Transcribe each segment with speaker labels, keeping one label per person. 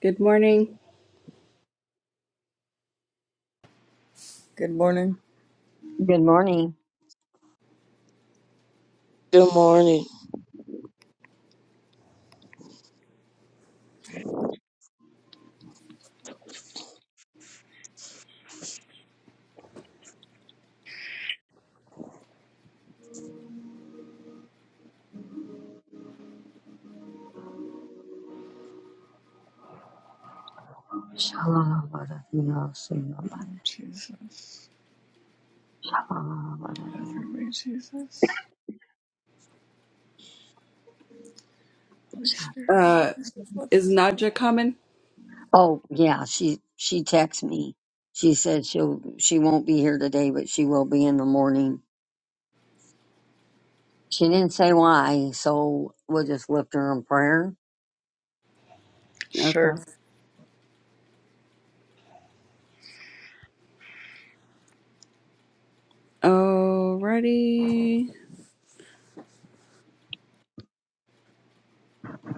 Speaker 1: Good morning.
Speaker 2: Good morning.
Speaker 3: Good morning.
Speaker 4: Good
Speaker 2: Oh, Jesus. Have your way, Jesus. Holy Spirit, set
Speaker 1: Uh,
Speaker 2: this above the
Speaker 1: is
Speaker 2: fire.
Speaker 1: Nadja coming?
Speaker 3: Oh yeah, she she texted me. She said she'll she won't be here today, but she will be in the morning. She didn't say why, so we'll just lift her in prayer.
Speaker 2: Sure.
Speaker 1: Okay. Alrighty.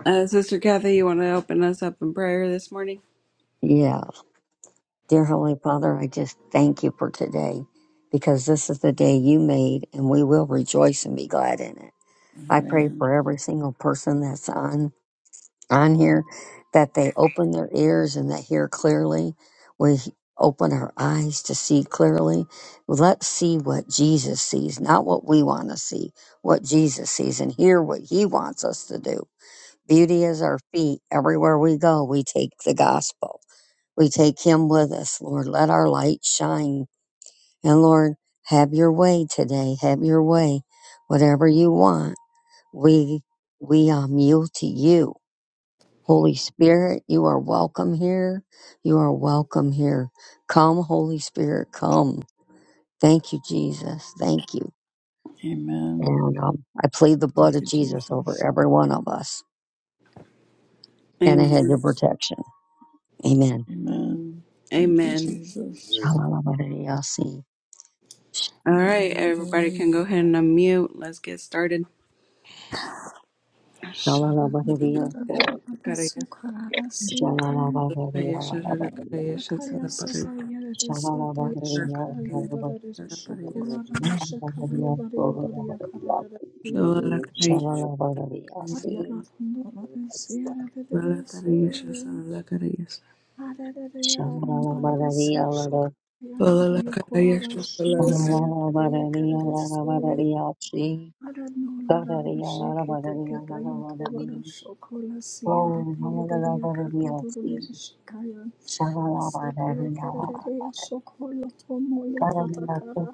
Speaker 1: Uh, Sister Kathy, you want to open us up in prayer this morning?
Speaker 3: Yeah. Dear Holy Father, I just thank you for today because this is the day you made and we will rejoice and be glad in it. I pray
Speaker 2: Amen.
Speaker 3: for every single person that's on. on here that they open their ears and that hear clearly. We open our eyes to see clearly. Let's see what Jesus sees, not what we want to see, what Jesus sees and hear what he wants us to do. Beauty is our feet. Everywhere we go, we take the gospel. We take him with us. Lord, let our light shine. And Lord, have your way today. Have your way. Whatever you want, we we are mute to you Holy Spirit, you are welcome here. You are welcome here. Come, Holy Spirit, come. Thank you, Jesus. Thank you.
Speaker 2: Amen.
Speaker 3: And um, I plead the blood
Speaker 2: Thank
Speaker 3: of
Speaker 2: you,
Speaker 3: Jesus over
Speaker 2: Jesus.
Speaker 3: every one of us and a hedge
Speaker 1: Amen.
Speaker 3: of protection. Amen.
Speaker 2: Amen. Thank you,
Speaker 1: Amen.
Speaker 2: Jesus.
Speaker 3: Shalalabadidiyasi.
Speaker 1: All right,
Speaker 2: Hallelujah,
Speaker 1: everybody
Speaker 2: Lord.
Speaker 1: can go ahead and unmute. Let's get started.
Speaker 3: Shalalabadidiyasi.
Speaker 2: Shabbat-a-da-da-da-da-da-da-da-sukarara-siyate.
Speaker 3: Shalalabadidiyalabadidiyasi.
Speaker 2: Shakaya-sata-yere-de-sata- Shakara-yabara-de-de-shukurara-shakara-yabara-yabara-yakarara-siyate.
Speaker 3: Shalalabadidiyalabadidiyasi.
Speaker 2: Yellow Thunder, the Sierra de Soya,
Speaker 3: Shalalabadidiyalabadidiyasi.
Speaker 2: Adelaide, Aranda, the Sasha,
Speaker 3: Shalalabadidiyalabadidiyasi.
Speaker 2: Yata, Yakora, Shia,
Speaker 3: Shalala
Speaker 2: Sierra, Yakada, Soya, Adanola, and Shiki, take the Yotola, Shokola, Sia, that they did Yakata, the Shikaya, Asat, Yakada, Shokola, Tomoya, tata kara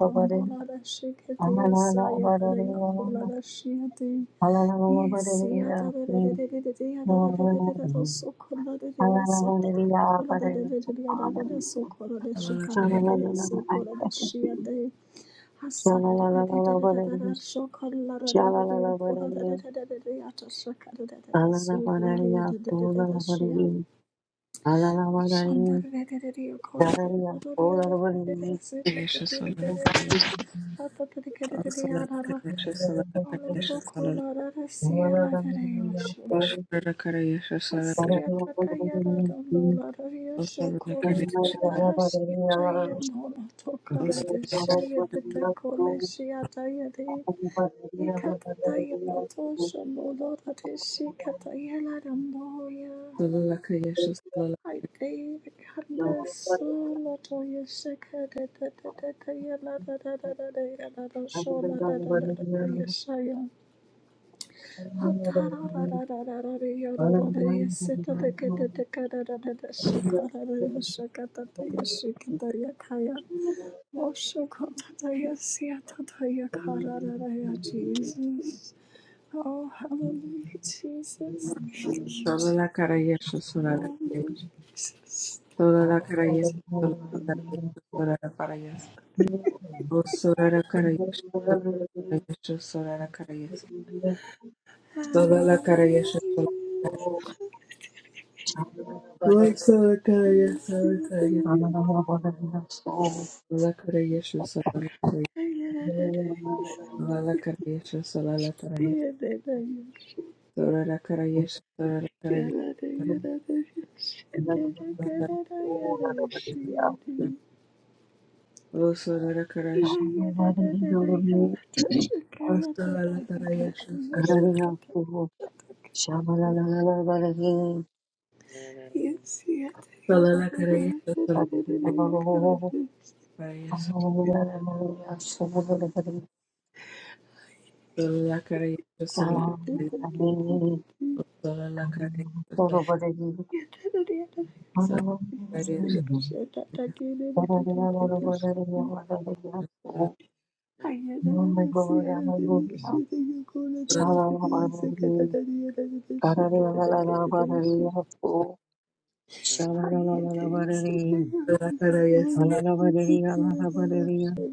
Speaker 2: Thank you. Yes, yeah,
Speaker 3: Thank
Speaker 1: Osala
Speaker 2: Shandar
Speaker 1: Karesha Sala Karesha Sala Oshara Karesha Sala Karesha
Speaker 2: Asiyata tayara dondola raya
Speaker 1: Sala
Speaker 2: shokola
Speaker 1: Karesha
Speaker 2: tene hashita yenola tokara reshaya tete kole shiyata yere yekata tayala
Speaker 3: you.
Speaker 2: tosho nola reshi kata yala ramboya
Speaker 1: Osala Karesha Sala Sala Karesha Sala
Speaker 2: haite kanda sola toya shakara tete tete yala da da da da da yala da shola da da da da yeshaya Jesus. Oh, hallelujah, Jesus. Thank you, Jesus.
Speaker 1: Sala Karesha Sala
Speaker 2: Oh, Lord Jesus.
Speaker 1: Karesha
Speaker 3: Shabala
Speaker 1: Sala Karesha Osara Karesha Karesha Sala Karesha Sala Karesha Sala Osala Karesha Sala Karesha Sala Karesha Sala Karesha
Speaker 2: Hallelujah. Hallelujah. Hallelujah.
Speaker 1: Sala Karesha Sala
Speaker 2: Hallelujah.
Speaker 1: Sorara Karayesh, Sorara Karayesh,
Speaker 2: Yes,
Speaker 1: O Sorara Karash, O Solala Karayesh, Solala Solala Karayesh, Solala Karayesh, Solala Karayesh, Solala Solala Karayesh, Solala Karayesh, Solala Karayesh, Solala Karayesh, Solala Karayesh, Solala Karayesh, Solala Karayesh, Solala
Speaker 3: Oh, my God, I'm a good now. Shalalabarari, Karariyalalalabarari, oh, Shalalalabarari, Alalabarari, Alalabarari,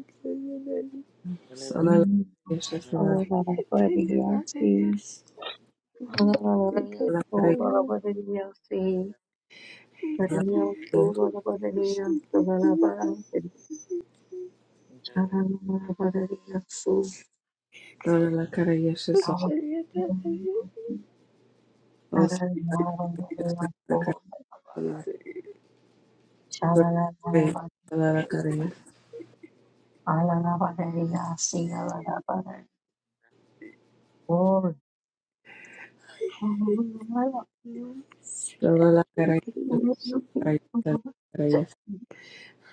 Speaker 3: King, Alalabarari, Yasi, Alalabarari, oh, Barabarari, Yasi, Karariya, oh, Barabarari, Yasalabarari, Shalalabarari, Yasu, Shalalabarari, Karariya, Alalabarari,
Speaker 1: Karayesh, Solala Karayesh,
Speaker 3: Sha-la-la-la-la-ba-da-dee-ya.
Speaker 1: Solala Karayesh,
Speaker 3: Ba-la-la-ba-da-dee-ya. See-ya-la-la-ba-da-dee. Glory. Hallelujah.
Speaker 1: Allah Kareem.
Speaker 3: Glory to
Speaker 2: Shit.
Speaker 3: your people.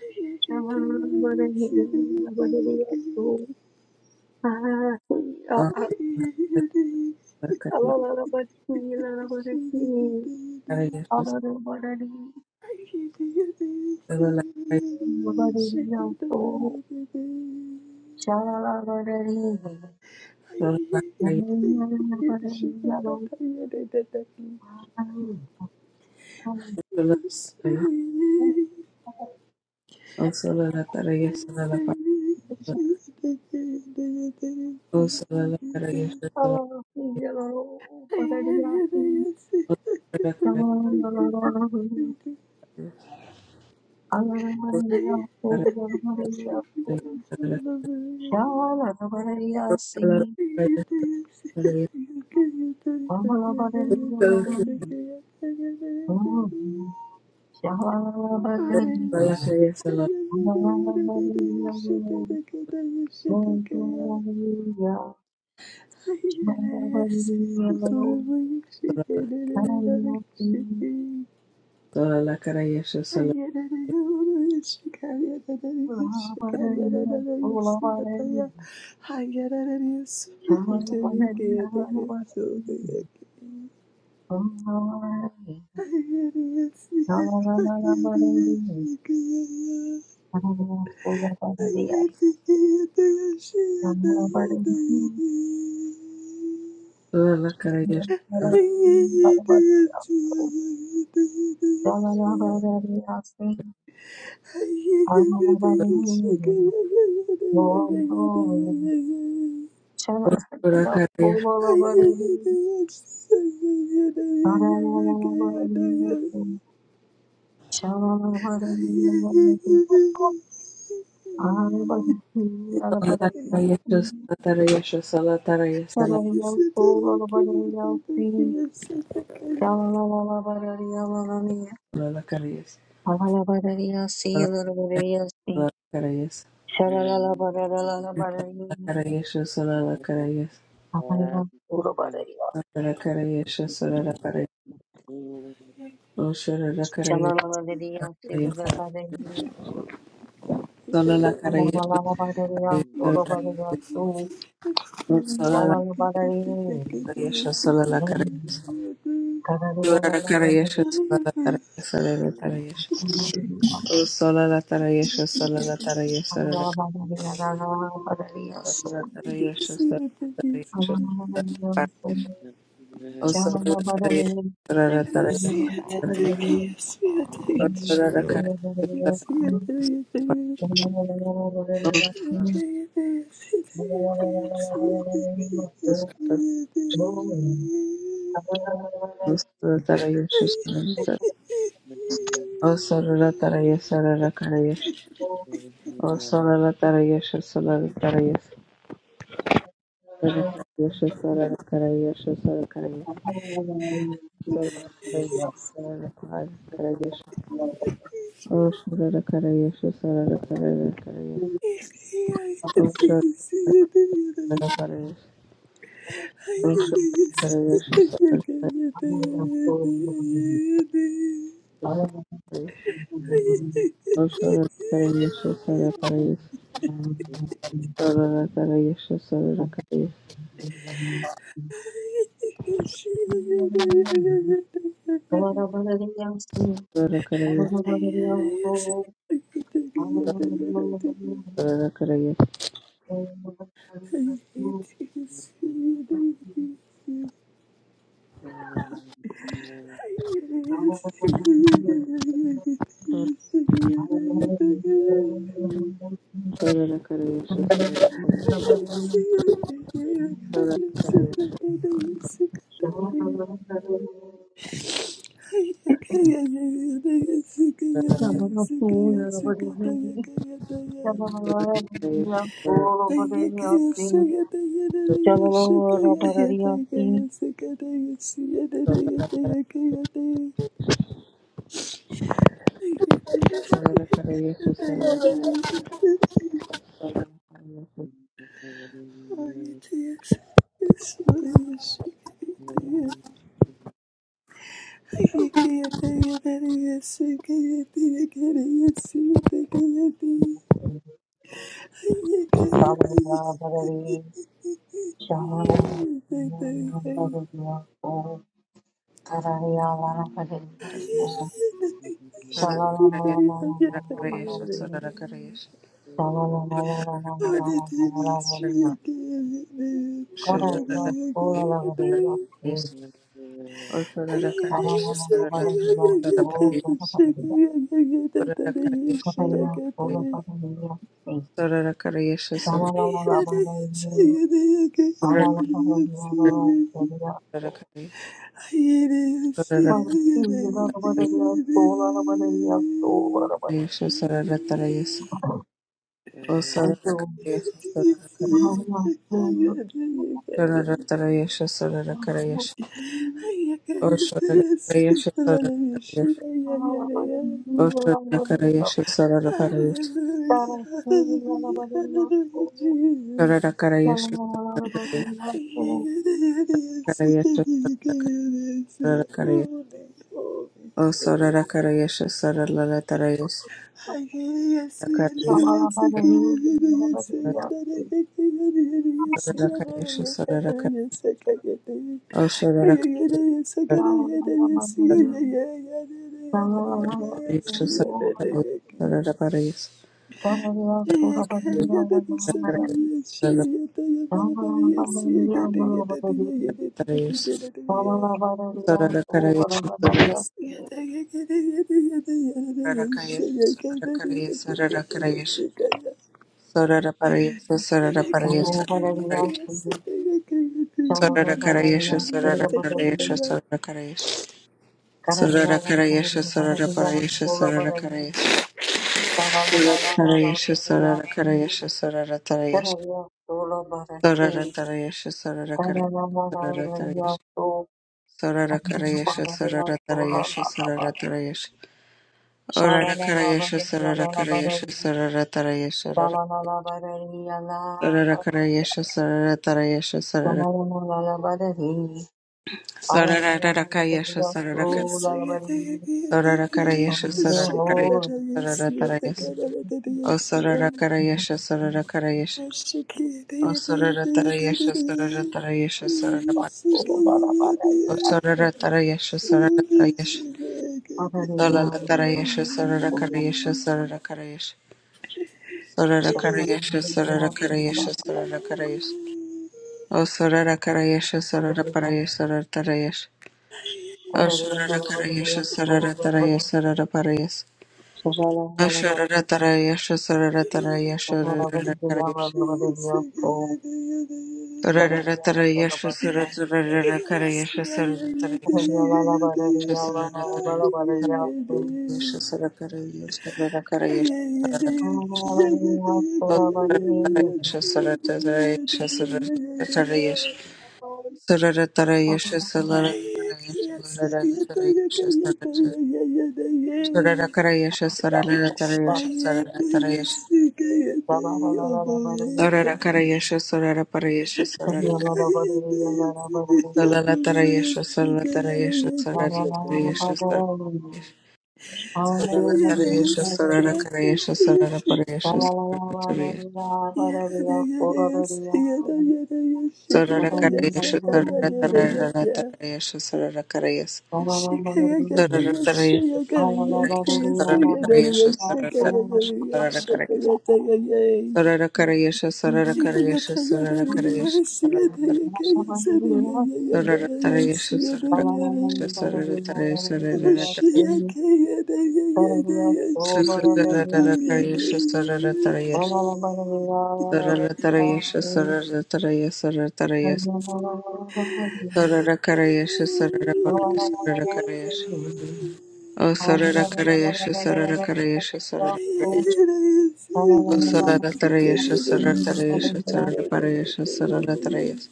Speaker 2: Yes,
Speaker 3: Sha-la-la-la-ba-da-dee-ya-ba-da-dee-ya. Ah-ya. Ah-la-la-la-ba-dee-ya-la-la-ba-da-dee. Ah-la-la-ba-da-dee-ya-ba-da-dee-ya. Shalala
Speaker 2: I am. Yes. Yes, Thank
Speaker 3: Shalala
Speaker 1: Salatarayasha, Salatarayasha,
Speaker 3: Shalala
Speaker 1: Salatarayasha, Salatarayasha, Salatarayasha, Lakarayasha, Salakarayasha, Salakarayasha,
Speaker 4: morning.
Speaker 1: Salakarayasha, Osharakarayasha, Salakarayasha, Salakarayasha, Salakarayasha, Salakarayasha, Salakarayasha, Salakarayasha, Salakarayasha, Salakarayasha, Salakarayasha,
Speaker 2: you. see what that is.
Speaker 1: Salakarayasha, Salakarayasha, Oh,
Speaker 2: I can see what that I can see what that
Speaker 3: Thank
Speaker 2: is. I see what that is.
Speaker 3: you.
Speaker 2: Okay, I see that I see what that I I can't see. I
Speaker 1: Or for the record, I used
Speaker 2: can't. I can't.
Speaker 3: Shalala
Speaker 2: I'm so bad. I'm sick. I can't tell you that it's a good thing, I can't see it,
Speaker 4: No, never.
Speaker 2: I can't
Speaker 1: to sort
Speaker 3: Thank
Speaker 2: I
Speaker 1: of Sararakarayasha Sararakarayasha
Speaker 2: Hallelujah, hallelujah,
Speaker 1: Sararakarayasha Sararakarayasha O Sararakarayasha Sararakarayasha Sararakarayasha Sararakarayasha O Sararakarayasha Sararakarayasha O Sararakarayasha Sararakarayasha
Speaker 2: hallelujah,
Speaker 3: you. Shalala
Speaker 1: Sararakarayasha
Speaker 2: Jesus.
Speaker 1: Sararakarayasha Sararakarayasha
Speaker 2: Holy, holy,
Speaker 1: O
Speaker 2: holy.
Speaker 1: Sararakarayasha Sararakarayasha
Speaker 2: Yeah.
Speaker 1: Sararakarayasha Sararakarayasha Sararakarayasha O Sararakarayasha Sorara
Speaker 2: Yes,
Speaker 3: Kararia solo bara ki. Karanamanavariya so.
Speaker 1: Sarara Karayasha
Speaker 3: Karanamanavariya
Speaker 1: Sarara
Speaker 3: solo
Speaker 1: Tarayasha
Speaker 3: bara
Speaker 1: Sarara
Speaker 3: bara,
Speaker 1: Tarayasha Orara Karayasha
Speaker 3: Shalanalabarariya
Speaker 1: Sarara Karayasha
Speaker 3: lalabarari.
Speaker 1: Sarara Tarayasha Rara
Speaker 3: Shalanalabarariya
Speaker 1: Sarara
Speaker 3: lalabarari.
Speaker 1: Karayasha Sarara Tarayasha Sarara
Speaker 3: Shalanalabarari.
Speaker 1: Sarara Rara
Speaker 3: Alanalabarariya
Speaker 1: Sarara Kar-
Speaker 3: solo lalabarari.
Speaker 1: Sarara Karayasha
Speaker 3: Sangre
Speaker 1: Sarara
Speaker 3: ho.
Speaker 1: Karayasha Sarara Tarayasha O Sarara Karayasha Sarara Karayasha O Sarara Tarayasha Sarara Tarayasha Sarara Par-
Speaker 3: Solo bara bara
Speaker 1: O
Speaker 3: ki,
Speaker 1: Sarara Tarayasha Sarara Tarayasha Sarara Tarayasha Sarara
Speaker 3: ho,
Speaker 1: Karayasha Sarara Karayasha Sorara Karayasha Sarara Karayasha
Speaker 3: Shalala
Speaker 1: Sarara Karayasha O Sorara Karayasha Sarara Paraya Sarara tarayash.
Speaker 3: Thank
Speaker 1: O Sorara Karayasha Sarara Taraya Sarara Parayas O Sorara Tarayasha Sarara Tarayasha Sarara Karayasha
Speaker 2: Cheyenne,
Speaker 1: Sorara Tarayasha Sarara Tarara Karayasha Sarara Tarayasha Sarara Tarayasha Sarara Karayasha Sarara Karayasha Sarara O Sorara Karayasha Sarara Tarayasha Sarara Tarayasha Sarara Tarayasha Salara Tarayasha Larara Tarayasha sarara sarara Karayasha sarara Tarayasha sarara Tarayasha
Speaker 2: yes, you can't, oh
Speaker 1: sarara
Speaker 2: boy,
Speaker 1: Karayasha sarara Parayasha sarara
Speaker 2: Yes,
Speaker 1: Sararatarayasha Sararatarayasha Sararatarayasha
Speaker 3: you.
Speaker 1: Sararatarayasha Sararakarayasha sarara
Speaker 3: Thank
Speaker 1: Sararatarayasha Sararakarayasha sarara Sararaka Sararatarayasha Sararatarayasha Sararatarayasha Sararatarayasha sarara Sararaparayasha Sararatarayasha Sararakarayasha Sararatarayasha Sararakarayasha Oh, sorara karayashi, sorara karayashi,
Speaker 2: Oh shit, I can't. I can't. I can't. She can't do it. I
Speaker 1: sorara karayashi.
Speaker 2: can't. I
Speaker 3: you.
Speaker 2: can't. see
Speaker 1: O
Speaker 3: Hallelujah.
Speaker 2: it. She
Speaker 1: Saralatarayasha
Speaker 2: can't do it. She
Speaker 1: Saratarayasha
Speaker 2: can't do
Speaker 1: Saralaparayasha
Speaker 2: it.
Speaker 1: Saralatarayasha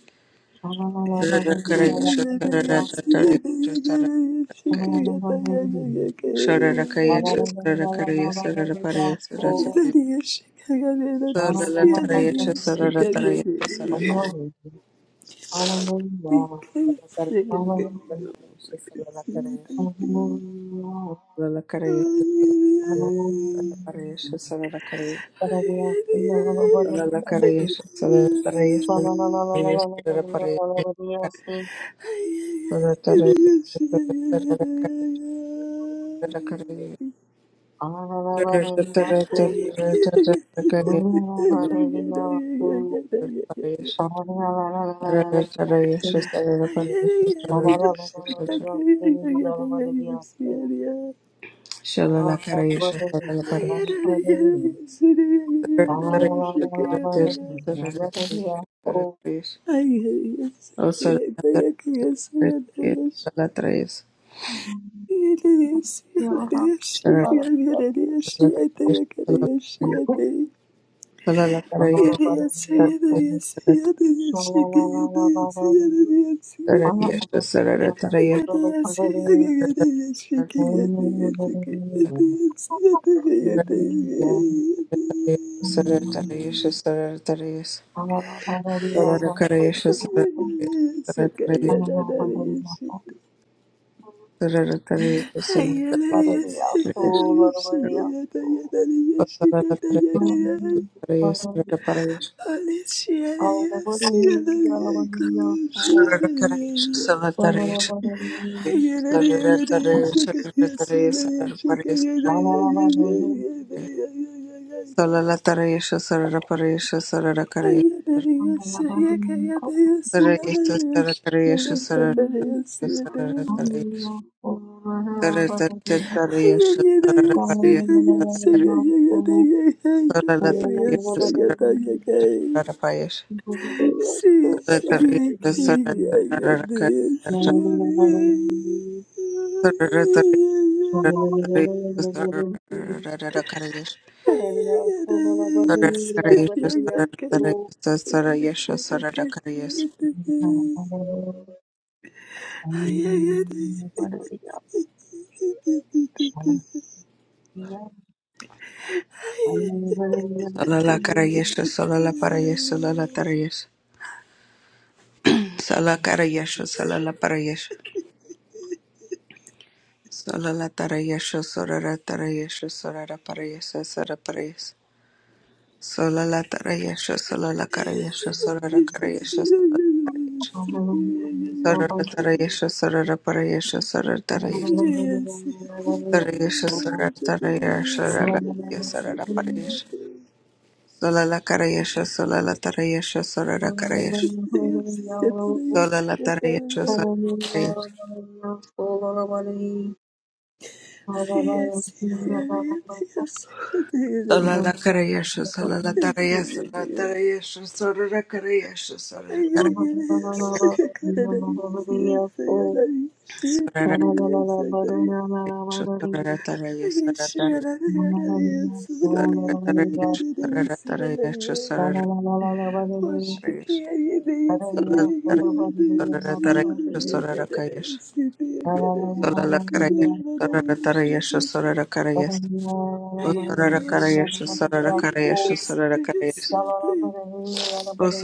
Speaker 2: I can't
Speaker 1: Saralakarayasha
Speaker 2: do it. She can't do it. She can't
Speaker 1: Saralatarayasha
Speaker 2: do it. I can't. I can't do it. She can't do it. She can't I can't do it. She
Speaker 1: Saralakarayasha Sararakayasha Saralakarayasha Saralaparayasha Saralatarayasha Saralatarayasha
Speaker 2: can't do it. I
Speaker 1: Saralatarayasha
Speaker 2: can't. I
Speaker 1: Saralatarayasha Saralakarayasha Saralakarayasha Saralaparayasha Saralakarayasha Saralakarayasha Saralatarayasha Saralaparayasha Shalala
Speaker 3: Shalala
Speaker 1: Sarara
Speaker 3: Thank
Speaker 2: Yeah, Yes,
Speaker 1: Salala
Speaker 2: I
Speaker 1: Karayesh, Salala Parayesh, Salala Tarayesh,
Speaker 3: you. Hallelujah. Oh, Lord, I believe you. Lord, I believe you. Oh, hallelujah. Hallelujah. Hallelujah. Hallelujah.
Speaker 1: Sala Karayesh, Salala Parayesh. Sola la tarayasha sora la tarayasha sora la parayasha sora parayasha. Sola la tarayasha sola la
Speaker 2: Yes,
Speaker 1: karayasha sora la karayasha sora la parayasha.
Speaker 3: Hallelujah. Oh, hallelujah.
Speaker 1: Sora
Speaker 3: Lord, I
Speaker 1: la tarayasha sora la parayasha sora la tarayasha.
Speaker 3: believe you. Hallelujah.
Speaker 1: Tarayasha
Speaker 3: Oh, hallelujah.
Speaker 1: sora la tarayasha sora la karayasha sora la
Speaker 3: Hallelujah.
Speaker 1: parayasha. Sola la karayasha sola la tarayasha sora la
Speaker 3: Oh, hallelujah.
Speaker 1: Sola la tarayasha sola la
Speaker 3: Oh, Lord, I believe you. Hallelujah.
Speaker 1: Sola la karayasha sola
Speaker 3: Hallelujah.
Speaker 1: la tarayasha la tarayasha sora la karayasha
Speaker 3: Oh,
Speaker 1: Sola la cara y es, sola la tara y es,
Speaker 2: Yes, yeah, that is. Yes, I
Speaker 1: sola
Speaker 2: think that
Speaker 1: la
Speaker 2: is.
Speaker 1: tara y es,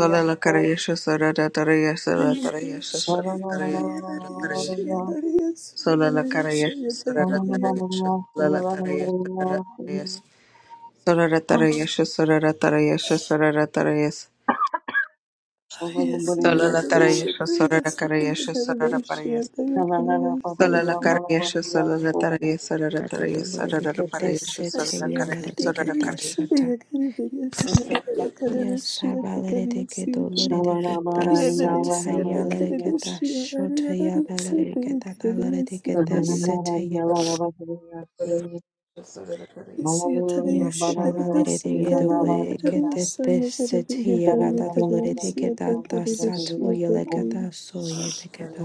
Speaker 1: sola la tara Soraratarayasha Soraratarayasha Soraratarayas
Speaker 3: Shangalabharaniyaku,
Speaker 1: Solalatarayasha Sorarakarayasha
Speaker 2: Yeah, I
Speaker 1: Soraraparayas
Speaker 2: think that is.
Speaker 1: Solalakarayasha
Speaker 3: Shangalabharaniyaku,
Speaker 1: Solalatarayas Soraratarayas Soraraparayasha
Speaker 2: Ashia kariya tariya
Speaker 1: Sorarakarayasha
Speaker 5: Katataluridikedeseteyalaridikidashata.
Speaker 2: sariya kari dariya siya kariya kari
Speaker 5: Yes,
Speaker 2: dashiya takariya siya tari kiya dariya
Speaker 3: Shangalabharaniyaku,
Speaker 2: siya takari
Speaker 3: Shangalabharaniyaku,
Speaker 2: dashiya ariya dariya siya tariya kari dariya siya tari
Speaker 3: Hallelujah.
Speaker 5: Sabalirikidolarikidasatayalaridikidashotayabalirikidatalaridikidesetaye.
Speaker 3: Bharaniyaku,
Speaker 1: Sorarakarayas
Speaker 2: siya tariya
Speaker 5: Yes,
Speaker 2: siya kari dashiya ariya kari dariya
Speaker 3: Shangalabharaniyaku,
Speaker 2: siya kari dariya tariya kari dariya
Speaker 3: Shangalabharaniyaku,
Speaker 2: siya takari dashiya takari
Speaker 3: Shangalabharaniyaku,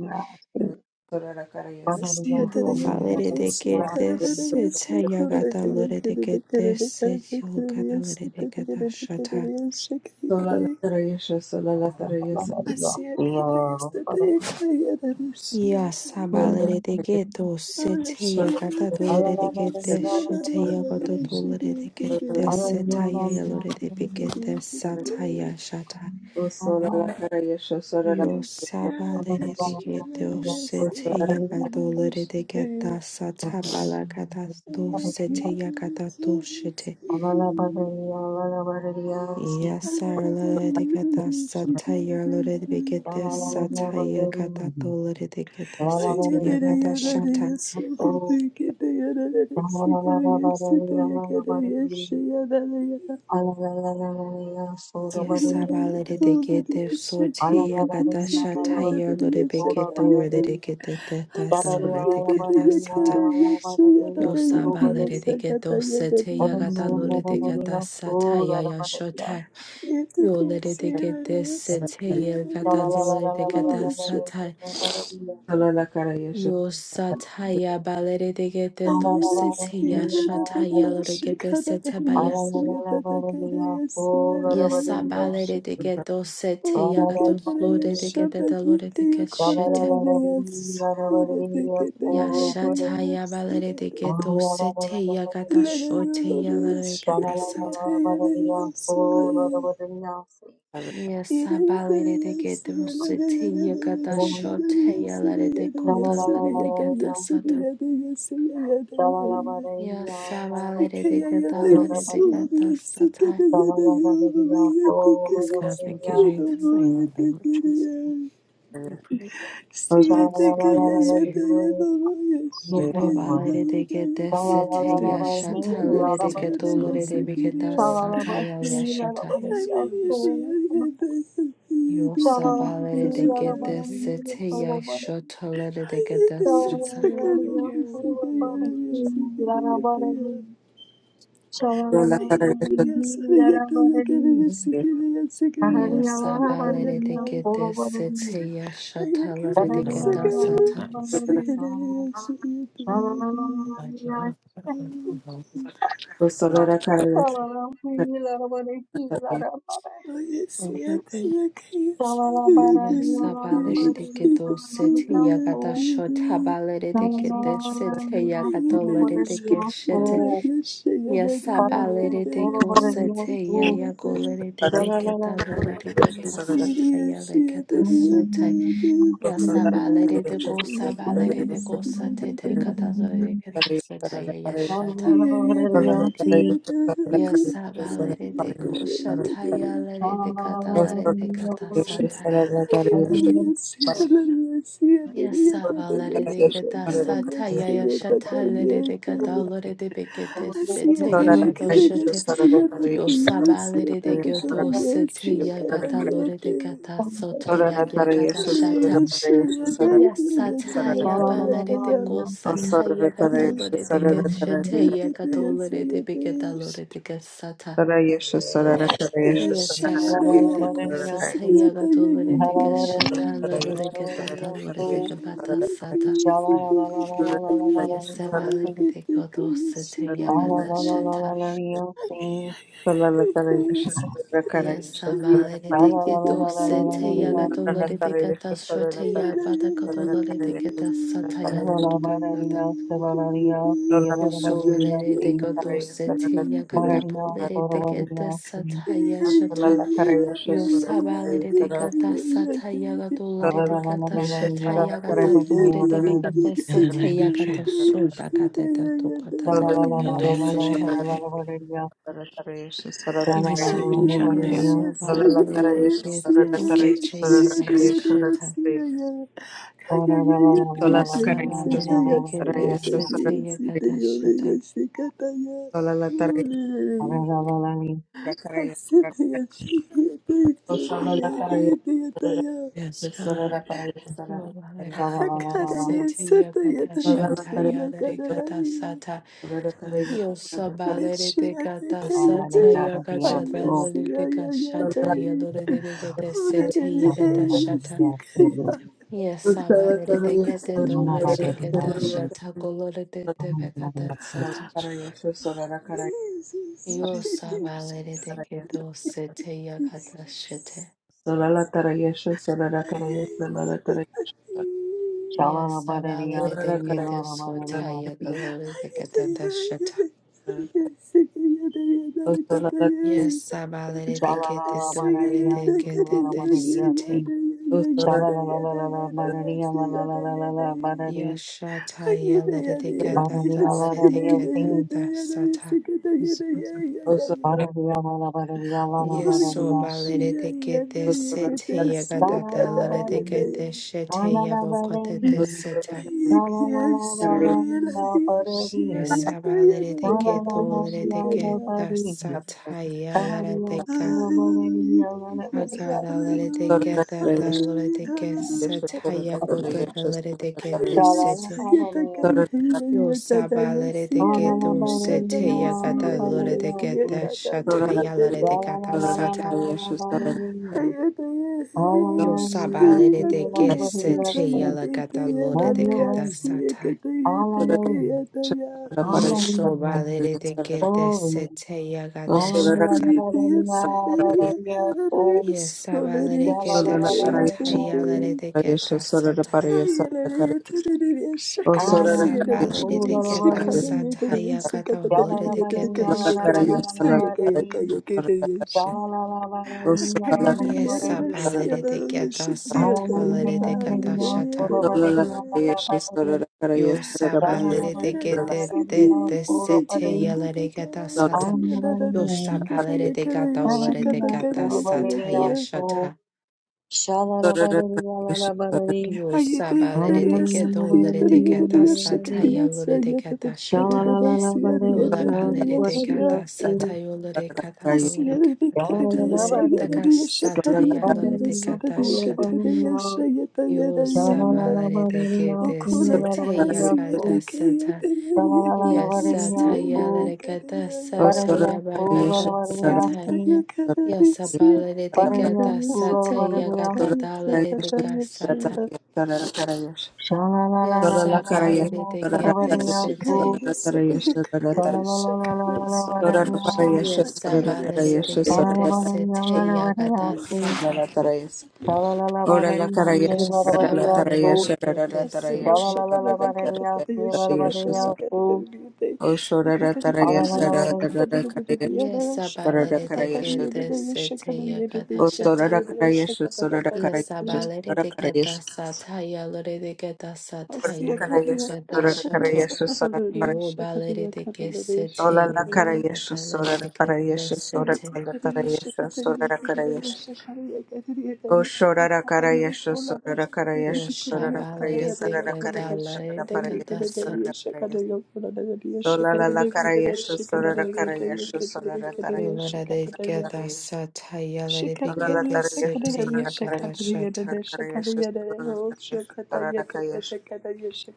Speaker 5: Shabalirikidolikidesetayagatadalirikidatasatoyalakadasoyebekadalirikides.
Speaker 1: Solalatarayasha Sorarakarayas Sorarakarayas
Speaker 2: Asiya
Speaker 5: Yo
Speaker 2: tariya kari
Speaker 5: valere de
Speaker 2: dashiya
Speaker 5: que
Speaker 2: kari
Speaker 5: this
Speaker 2: dariya
Speaker 5: ita
Speaker 2: siya kuri
Speaker 5: yagata
Speaker 2: dariya
Speaker 5: lore de
Speaker 2: kari
Speaker 5: que
Speaker 2: dariya
Speaker 5: this
Speaker 2: kari
Speaker 5: yo gata
Speaker 2: dariya
Speaker 5: lore
Speaker 2: siya
Speaker 5: de
Speaker 2: tariya
Speaker 5: gata
Speaker 2: kari
Speaker 5: shata.
Speaker 2: dariya siya kari dariya
Speaker 1: Solalatarayasha Solalatarayas
Speaker 2: Asiakata
Speaker 3: Shangalabharaniyaku,
Speaker 2: yasateeka yararushiyata
Speaker 5: Yasa valere de que dos ita yagata
Speaker 1: Solalatarayasha
Speaker 2: arushiyata
Speaker 5: dolore de que this
Speaker 2: yararusiyata
Speaker 5: ita yagata dolore de
Speaker 2: yararusiyata
Speaker 5: que this
Speaker 3: Alala
Speaker 5: ita yaya de que this sata ya shata.
Speaker 1: Solalatarayasha
Speaker 5: Yo
Speaker 2: Yasiyalate
Speaker 5: sabalere de que
Speaker 2: shiyalate
Speaker 5: dos ita
Speaker 1: Solalatarayasha
Speaker 2: yasiyate
Speaker 5: yagata lore de
Speaker 2: yarushiyate
Speaker 5: que das sata balagata dos ita
Speaker 2: ayakiyate
Speaker 5: yagata dos
Speaker 2: yasiyate
Speaker 5: Yes, sir. Lord, they
Speaker 2: arararariyate
Speaker 5: get that
Speaker 2: yasiyate
Speaker 5: satire. Lord, we get this
Speaker 2: yararusiyate
Speaker 5: satire. Got that to Lord, they get this satire. Got Yes, sir. Lord, they get this satire. Got that shatter. Lord, we get to Lord, they
Speaker 2: Yes,
Speaker 5: get Lord, they get that sir. Lord, they get those satire. Got
Speaker 3: Shabalala
Speaker 5: that Lord, they get that satire. Yeah, shatter. Yo, Lord, they get this satire. Lord, they get
Speaker 1: Solo la cara y eso.
Speaker 5: Yo sataya balere de gete to
Speaker 2: Yes,
Speaker 5: sete ya shataya lore gete sete baya. Yasa balere de geto sete ya gato lore de gete de lore de gete shete. Ya shataya balere de geto sete ya gata shote ya lore gata sata.
Speaker 1: Solo la
Speaker 5: Yasa balere de geto sete ya gata shote ya lore de kota lore de gata sata.
Speaker 3: Shavalabariya,
Speaker 5: Yasa balere de
Speaker 3: Lalavariya,
Speaker 5: gata
Speaker 1: cara
Speaker 5: lore de
Speaker 3: Uvaravariya,
Speaker 5: gata sata.
Speaker 3: Shavalavariya,
Speaker 6: Yes, God, thank you,
Speaker 3: Uvaravariya,
Speaker 6: Jesus. In your name of Jesus, we
Speaker 1: y
Speaker 6: pray.
Speaker 1: eso.
Speaker 6: We receive the Holy Spirit.
Speaker 3: Shavalavariya,
Speaker 6: In your
Speaker 5: Yo
Speaker 6: name, God,
Speaker 3: Vatavariya,
Speaker 5: Yobalere de gede sete
Speaker 6: next day,
Speaker 3: Shavalavariya,
Speaker 5: yaşatalere
Speaker 3: Lalavariya, Shavalavariya, Lalavariya,
Speaker 5: de
Speaker 6: protect us all
Speaker 5: gedolere
Speaker 6: in the
Speaker 5: de bir
Speaker 6: name of
Speaker 3: Uvaravariya,
Speaker 5: geda
Speaker 6: Jesus.
Speaker 5: sataya
Speaker 3: Shavalavariya,
Speaker 5: yaşata.
Speaker 6: Yes,
Speaker 3: Lalavariya, Uvaravariya,
Speaker 6: God, we're so,
Speaker 5: Yosa
Speaker 6: we're
Speaker 5: balere de
Speaker 6: so grateful
Speaker 5: gede
Speaker 6: for your
Speaker 5: sete
Speaker 6: grace.
Speaker 5: yaşatalere de geda
Speaker 6: We just
Speaker 5: sata.
Speaker 6: pray for
Speaker 3: Shavalavariya,
Speaker 6: you in the name of Jesus.
Speaker 3: Uvaravariya, Lalavariya,
Speaker 2: Yeah.
Speaker 1: Solo la
Speaker 3: Shavalavariya,
Speaker 1: cara y eso.
Speaker 2: Yes, I get to get it,
Speaker 3: Lalavariya,
Speaker 2: sick it, sick
Speaker 3: Oh,
Speaker 2: it, yes, I
Speaker 5: Yasa
Speaker 2: get to
Speaker 5: balere
Speaker 2: get
Speaker 5: de
Speaker 2: it.
Speaker 5: gede sete
Speaker 2: I get
Speaker 6: This is
Speaker 5: yaşatalere de
Speaker 6: the
Speaker 2: it, sick
Speaker 6: Lord,
Speaker 5: geda
Speaker 6: thank you.
Speaker 2: it,
Speaker 5: sata.
Speaker 6: Thank you,
Speaker 2: sick it, yes, I get to get
Speaker 6: Lord.
Speaker 2: it.
Speaker 6: Thank you, Lord. Thank you, Lord. Thank you,
Speaker 1: Solo la cara
Speaker 2: I get see
Speaker 6: thank you, thank you,
Speaker 2: it,
Speaker 6: Jesus.
Speaker 2: I can't see it, I
Speaker 5: Yasa balere
Speaker 2: can't
Speaker 5: de
Speaker 2: see it, I
Speaker 5: gedo sete
Speaker 2: can't
Speaker 5: yagada
Speaker 2: see
Speaker 5: şota
Speaker 2: it.
Speaker 5: balere de gede sete
Speaker 2: I get it,
Speaker 5: yagadolere de
Speaker 2: yes, I
Speaker 5: geçete.
Speaker 2: get it, yes, I get it, yes, I get
Speaker 5: Yasabalerete
Speaker 2: it,
Speaker 5: gosete
Speaker 2: yes,
Speaker 5: ya ya
Speaker 2: I get it.
Speaker 5: golerete beketa lerete keta sata
Speaker 2: Hallelujah.
Speaker 5: ya leketa sote. Yasabalerete gosabalerete gosate te kata
Speaker 6: Thank
Speaker 5: lereketa
Speaker 6: you,
Speaker 5: sata
Speaker 6: Jesus.
Speaker 5: ya
Speaker 3: Shalala
Speaker 5: yashata.
Speaker 6: In the name of Jesus.
Speaker 5: Yasabalerete gosata ya lerete kata lerete kata sata.
Speaker 6: Yes, God.
Speaker 5: Yasabalerete keta sata ya
Speaker 1: y
Speaker 5: yashata lerete
Speaker 1: Sorry,
Speaker 5: kata lerete bekete sete
Speaker 6: Thank
Speaker 5: ya
Speaker 6: you, Jesus. Thank
Speaker 5: kata Yo sabalere de gyoto
Speaker 6: you,
Speaker 5: sete
Speaker 6: Jesus.
Speaker 5: yagata lore de gata sota
Speaker 6: Jesus,
Speaker 5: yagata shata. Yasata yabalere de go sata yagata lore de geshete
Speaker 2: Thank
Speaker 5: yagata lore de
Speaker 6: we
Speaker 5: begata lore
Speaker 6: receive
Speaker 5: de
Speaker 6: you.
Speaker 5: gesata.
Speaker 6: We receive
Speaker 5: Yasabalere de
Speaker 6: you.
Speaker 5: go sata yagata lore de geshata lore
Speaker 6: Lord,
Speaker 5: de gata lore de gabata sata.
Speaker 6: pray.
Speaker 5: Yasabalere de go sete yagata shata. Yes, so valid. They get this. It's a
Speaker 1: Sola
Speaker 3: Ola barariya se barariya si ola barariya si
Speaker 2: you.
Speaker 3: barariya ola barariya si
Speaker 2: Hallelujah.
Speaker 3: ola la la la barariya ola barariya barariya
Speaker 6: In the name of Jesus. yes, God.
Speaker 3: la la la
Speaker 6: In the
Speaker 3: la la
Speaker 6: name
Speaker 3: la
Speaker 6: of Jesus.
Speaker 3: la la barariya
Speaker 6: You receive it in your name.
Speaker 3: barariya
Speaker 6: Thank you, Jesus.
Speaker 5: yagata
Speaker 6: Yes, God.
Speaker 5: shita.
Speaker 3: la la la la la barariya si ola la la la
Speaker 6: You
Speaker 3: la la la la
Speaker 6: receive it.
Speaker 3: la la la la
Speaker 1: la cara
Speaker 3: la la la
Speaker 2: Hallelujah.
Speaker 3: la li
Speaker 1: La cara y la cara. Solo la cara y el
Speaker 6: Yes,
Speaker 1: solo
Speaker 6: God.
Speaker 1: la cara y el
Speaker 5: Yasabalereveketesiteyakatashata.
Speaker 1: solo la cara y el
Speaker 3: la la la la la la
Speaker 2: akarariye sata
Speaker 1: solo
Speaker 6: Oh,
Speaker 1: la
Speaker 2: yanariyesi yagararaye
Speaker 5: Yobalereveketesiteyakatashatayalarekatasata.
Speaker 1: cara y el solo la cara y
Speaker 6: God.
Speaker 1: el solo
Speaker 2: meşiyateke
Speaker 3: ola li
Speaker 2: yade
Speaker 6: Father
Speaker 3: la
Speaker 6: God,
Speaker 3: la dia
Speaker 6: protect my Lord.
Speaker 3: so
Speaker 2: hayesi yayayade
Speaker 1: la cara y
Speaker 2: onerene
Speaker 3: la la la
Speaker 5: Yosabalerevekatasatayakatasalerevekashatayaloreveketeseteyakatashata.
Speaker 3: la la
Speaker 2: heyesi
Speaker 3: si ola
Speaker 2: kayani.
Speaker 1: solo la cara y el solo la cara y el solo la cara
Speaker 6: myself.
Speaker 1: y
Speaker 6: Father
Speaker 3: barariya
Speaker 1: solo la cara
Speaker 6: God,
Speaker 3: si
Speaker 1: y
Speaker 3: ola barariya
Speaker 5: Yasabalereveketetolereveketashatakoloreveketasata.
Speaker 6: that
Speaker 1: el solo la cara y solo
Speaker 2: Jesus,
Speaker 6: you receive it.
Speaker 2: Jesus,
Speaker 6: Thank you,
Speaker 5: Yosabalereveketositeyakatashate.
Speaker 2: Jesus. Ay, ay, ay.
Speaker 5: Yes, Sabalere
Speaker 3: Chalalabadadiyasi,
Speaker 5: de Gete Sotaya
Speaker 3: Lalalabadadiyasi,
Speaker 5: Galore de
Speaker 2: Ay, ay, ay, ay. Ay, ay, ay, ay,
Speaker 5: Gatata Shata.
Speaker 2: ay, ay, ay, ay, ay.
Speaker 5: Yes, Sabalere de
Speaker 2: Hallelujah,
Speaker 5: Gete
Speaker 2: Jesus.
Speaker 5: Dolore de
Speaker 3: Chalalabadadiyasi,
Speaker 5: Gete de
Speaker 3: Lalalabadadiyasi,
Speaker 5: Sete.
Speaker 1: la cara y Sorara
Speaker 3: Chalalalalalabadadiya, Lalalalalabadadi,
Speaker 5: Yashata Yalere de
Speaker 3: Badadiya,
Speaker 5: Gatata Lere de
Speaker 3: Ladadiyasi,
Speaker 5: Gatata Sata.
Speaker 6: Jesus.
Speaker 3: Badadiya, Lalabadadiya,
Speaker 5: Yes, so
Speaker 3: Lalalabadadiyasi,
Speaker 5: balere de Gete Sete Yagatata Lere de
Speaker 3: Chalalabadadi,
Speaker 5: Gete Shete Yabokote de
Speaker 3: Lalalabadadi,
Speaker 5: Seta.
Speaker 3: Chalalalalalabadadi, Chalalalalalabadadi,
Speaker 5: Yes, Sabalere de Gete Dolore
Speaker 3: Badadiya,
Speaker 5: de Gata
Speaker 3: Lalabadadiya,
Speaker 5: Sataya Lere Agrada
Speaker 3: Lalalabadiyasi.
Speaker 2: Hallelujah,
Speaker 5: leredeke data
Speaker 2: hallelujah,
Speaker 5: leredeke set
Speaker 2: hallelujah.
Speaker 5: hayagoda leredeke de
Speaker 2: Yes,
Speaker 5: sete.
Speaker 3: Hallelujah.
Speaker 5: Yo saba leredeke do sete yagada leredeke de shataya leredeke da sata. Yo saba leredeke sete yalagada leredeke da sata. Yeshoba leredeke de sete yagada shata. Yesaba leredeke da shataya leredeke da sata.
Speaker 2: Ay,
Speaker 1: para O sora
Speaker 5: Yes,
Speaker 1: da carayas,
Speaker 5: abalere de keta
Speaker 1: carayas,
Speaker 5: sataya kata hulere de keta
Speaker 1: la da
Speaker 5: shete.
Speaker 1: carayas, la da carayas, sora da carayas, o sora la carayas,
Speaker 5: Yes,
Speaker 1: sora da
Speaker 5: abalere de keta
Speaker 1: carayas, sora
Speaker 3: Shalala
Speaker 5: satalere de kata shata.
Speaker 1: da sora la carayas,
Speaker 5: Yo sabalere de
Speaker 1: sora da carayas,
Speaker 5: kete de de sete yelere keta sata. Yo sabalere de kata hulere de kata sataya shata.
Speaker 1: sora da carayas, sora da sora la carayas, sora da carayas, sora da carayas, sora la carayas, sora da carayas, o sora da carayas, sora
Speaker 5: Yo
Speaker 2: Yes,
Speaker 5: sabalere de keta hulere de keta sataya hulere de keta shata. Yola balere de gata sata yola de gata yola de gata yola de gata sata yola de gata shata yo sabalere de gete sete ya gata sata
Speaker 3: Shalala
Speaker 5: ya sata yola de gata sata ya bagata
Speaker 1: da
Speaker 5: sata ya
Speaker 1: carayas, sora
Speaker 5: sabalere
Speaker 1: da
Speaker 5: de
Speaker 1: carayas,
Speaker 5: gata sata
Speaker 1: Ora ora ora ora
Speaker 5: ya gata
Speaker 1: ora ora
Speaker 5: dalere de gata sata
Speaker 1: ora ora
Speaker 5: ya
Speaker 1: ora ora ora ora ora ora ora ora la cara y
Speaker 5: sabalere de gete sete
Speaker 2: Shakaduriya, shakaduriya, shakaduriya,
Speaker 1: la
Speaker 5: ya
Speaker 2: shakaduriya,
Speaker 5: sabalere de gete sete ya gata sata
Speaker 1: Solo la cara y la Ora la parayas,
Speaker 5: Yes,
Speaker 1: ora la
Speaker 5: sabalere
Speaker 1: tarayas,
Speaker 5: de
Speaker 1: ora la
Speaker 5: gete
Speaker 1: tarayas,
Speaker 5: sete.
Speaker 1: ora la tarayas.
Speaker 5: Yes,
Speaker 1: Ora la
Speaker 5: sabalere de
Speaker 1: carayas,
Speaker 5: gete
Speaker 1: ora
Speaker 5: sete yakata
Speaker 1: la tarayas, ora la tarayas, ora la tarayas, ora Os ora
Speaker 5: shata.
Speaker 1: la tarayas, ora la carayas, ora la carayas, ora Os ora la carayas, ora la
Speaker 5: Yes,
Speaker 1: carayas, ora la tarayas, tarayas, tarayas, tarayas,
Speaker 5: sabalere
Speaker 1: tarayas, tarayas,
Speaker 5: de
Speaker 1: tarayas,
Speaker 5: geta
Speaker 1: Sorara
Speaker 5: sata yalore de geta sata yalore de
Speaker 1: Parayasha
Speaker 5: geta
Speaker 1: Sorara
Speaker 5: shato.
Speaker 1: Karayasha Sorara
Speaker 5: Yo balere de gesete
Speaker 1: Parayola La
Speaker 2: shakaduriya.
Speaker 5: yakata
Speaker 1: Karayasha
Speaker 5: dalere
Speaker 1: Sorara
Speaker 5: de gete
Speaker 1: Parayasha Sorara
Speaker 5: sete.
Speaker 1: La Parayasha Sorara Karayasha O Sorara Karayasha Sorara
Speaker 5: Yo
Speaker 1: Karayasha Sorara Parayasha
Speaker 5: shabalere de
Speaker 1: Sorara
Speaker 5: geta
Speaker 1: Karayasha
Speaker 5: lere
Speaker 1: Sorara
Speaker 5: de geta
Speaker 1: Parayasha
Speaker 5: sata.
Speaker 1: Sorara Parayasha Sola La La Karayasha Sorara Karayasha Sorara
Speaker 5: Yo
Speaker 1: Tarayasha
Speaker 5: lere de
Speaker 1: Sorara
Speaker 2: Shakadariya,
Speaker 5: geta
Speaker 1: Tarayasha
Speaker 5: sata yalere de
Speaker 1: Sola La
Speaker 5: gete
Speaker 1: Tarayasha
Speaker 5: sete
Speaker 1: Sorara
Speaker 5: yakata
Speaker 1: Karayasha
Speaker 5: shata.
Speaker 1: Sorara Karayasha Sorara Tarayasha Sorara Karayasha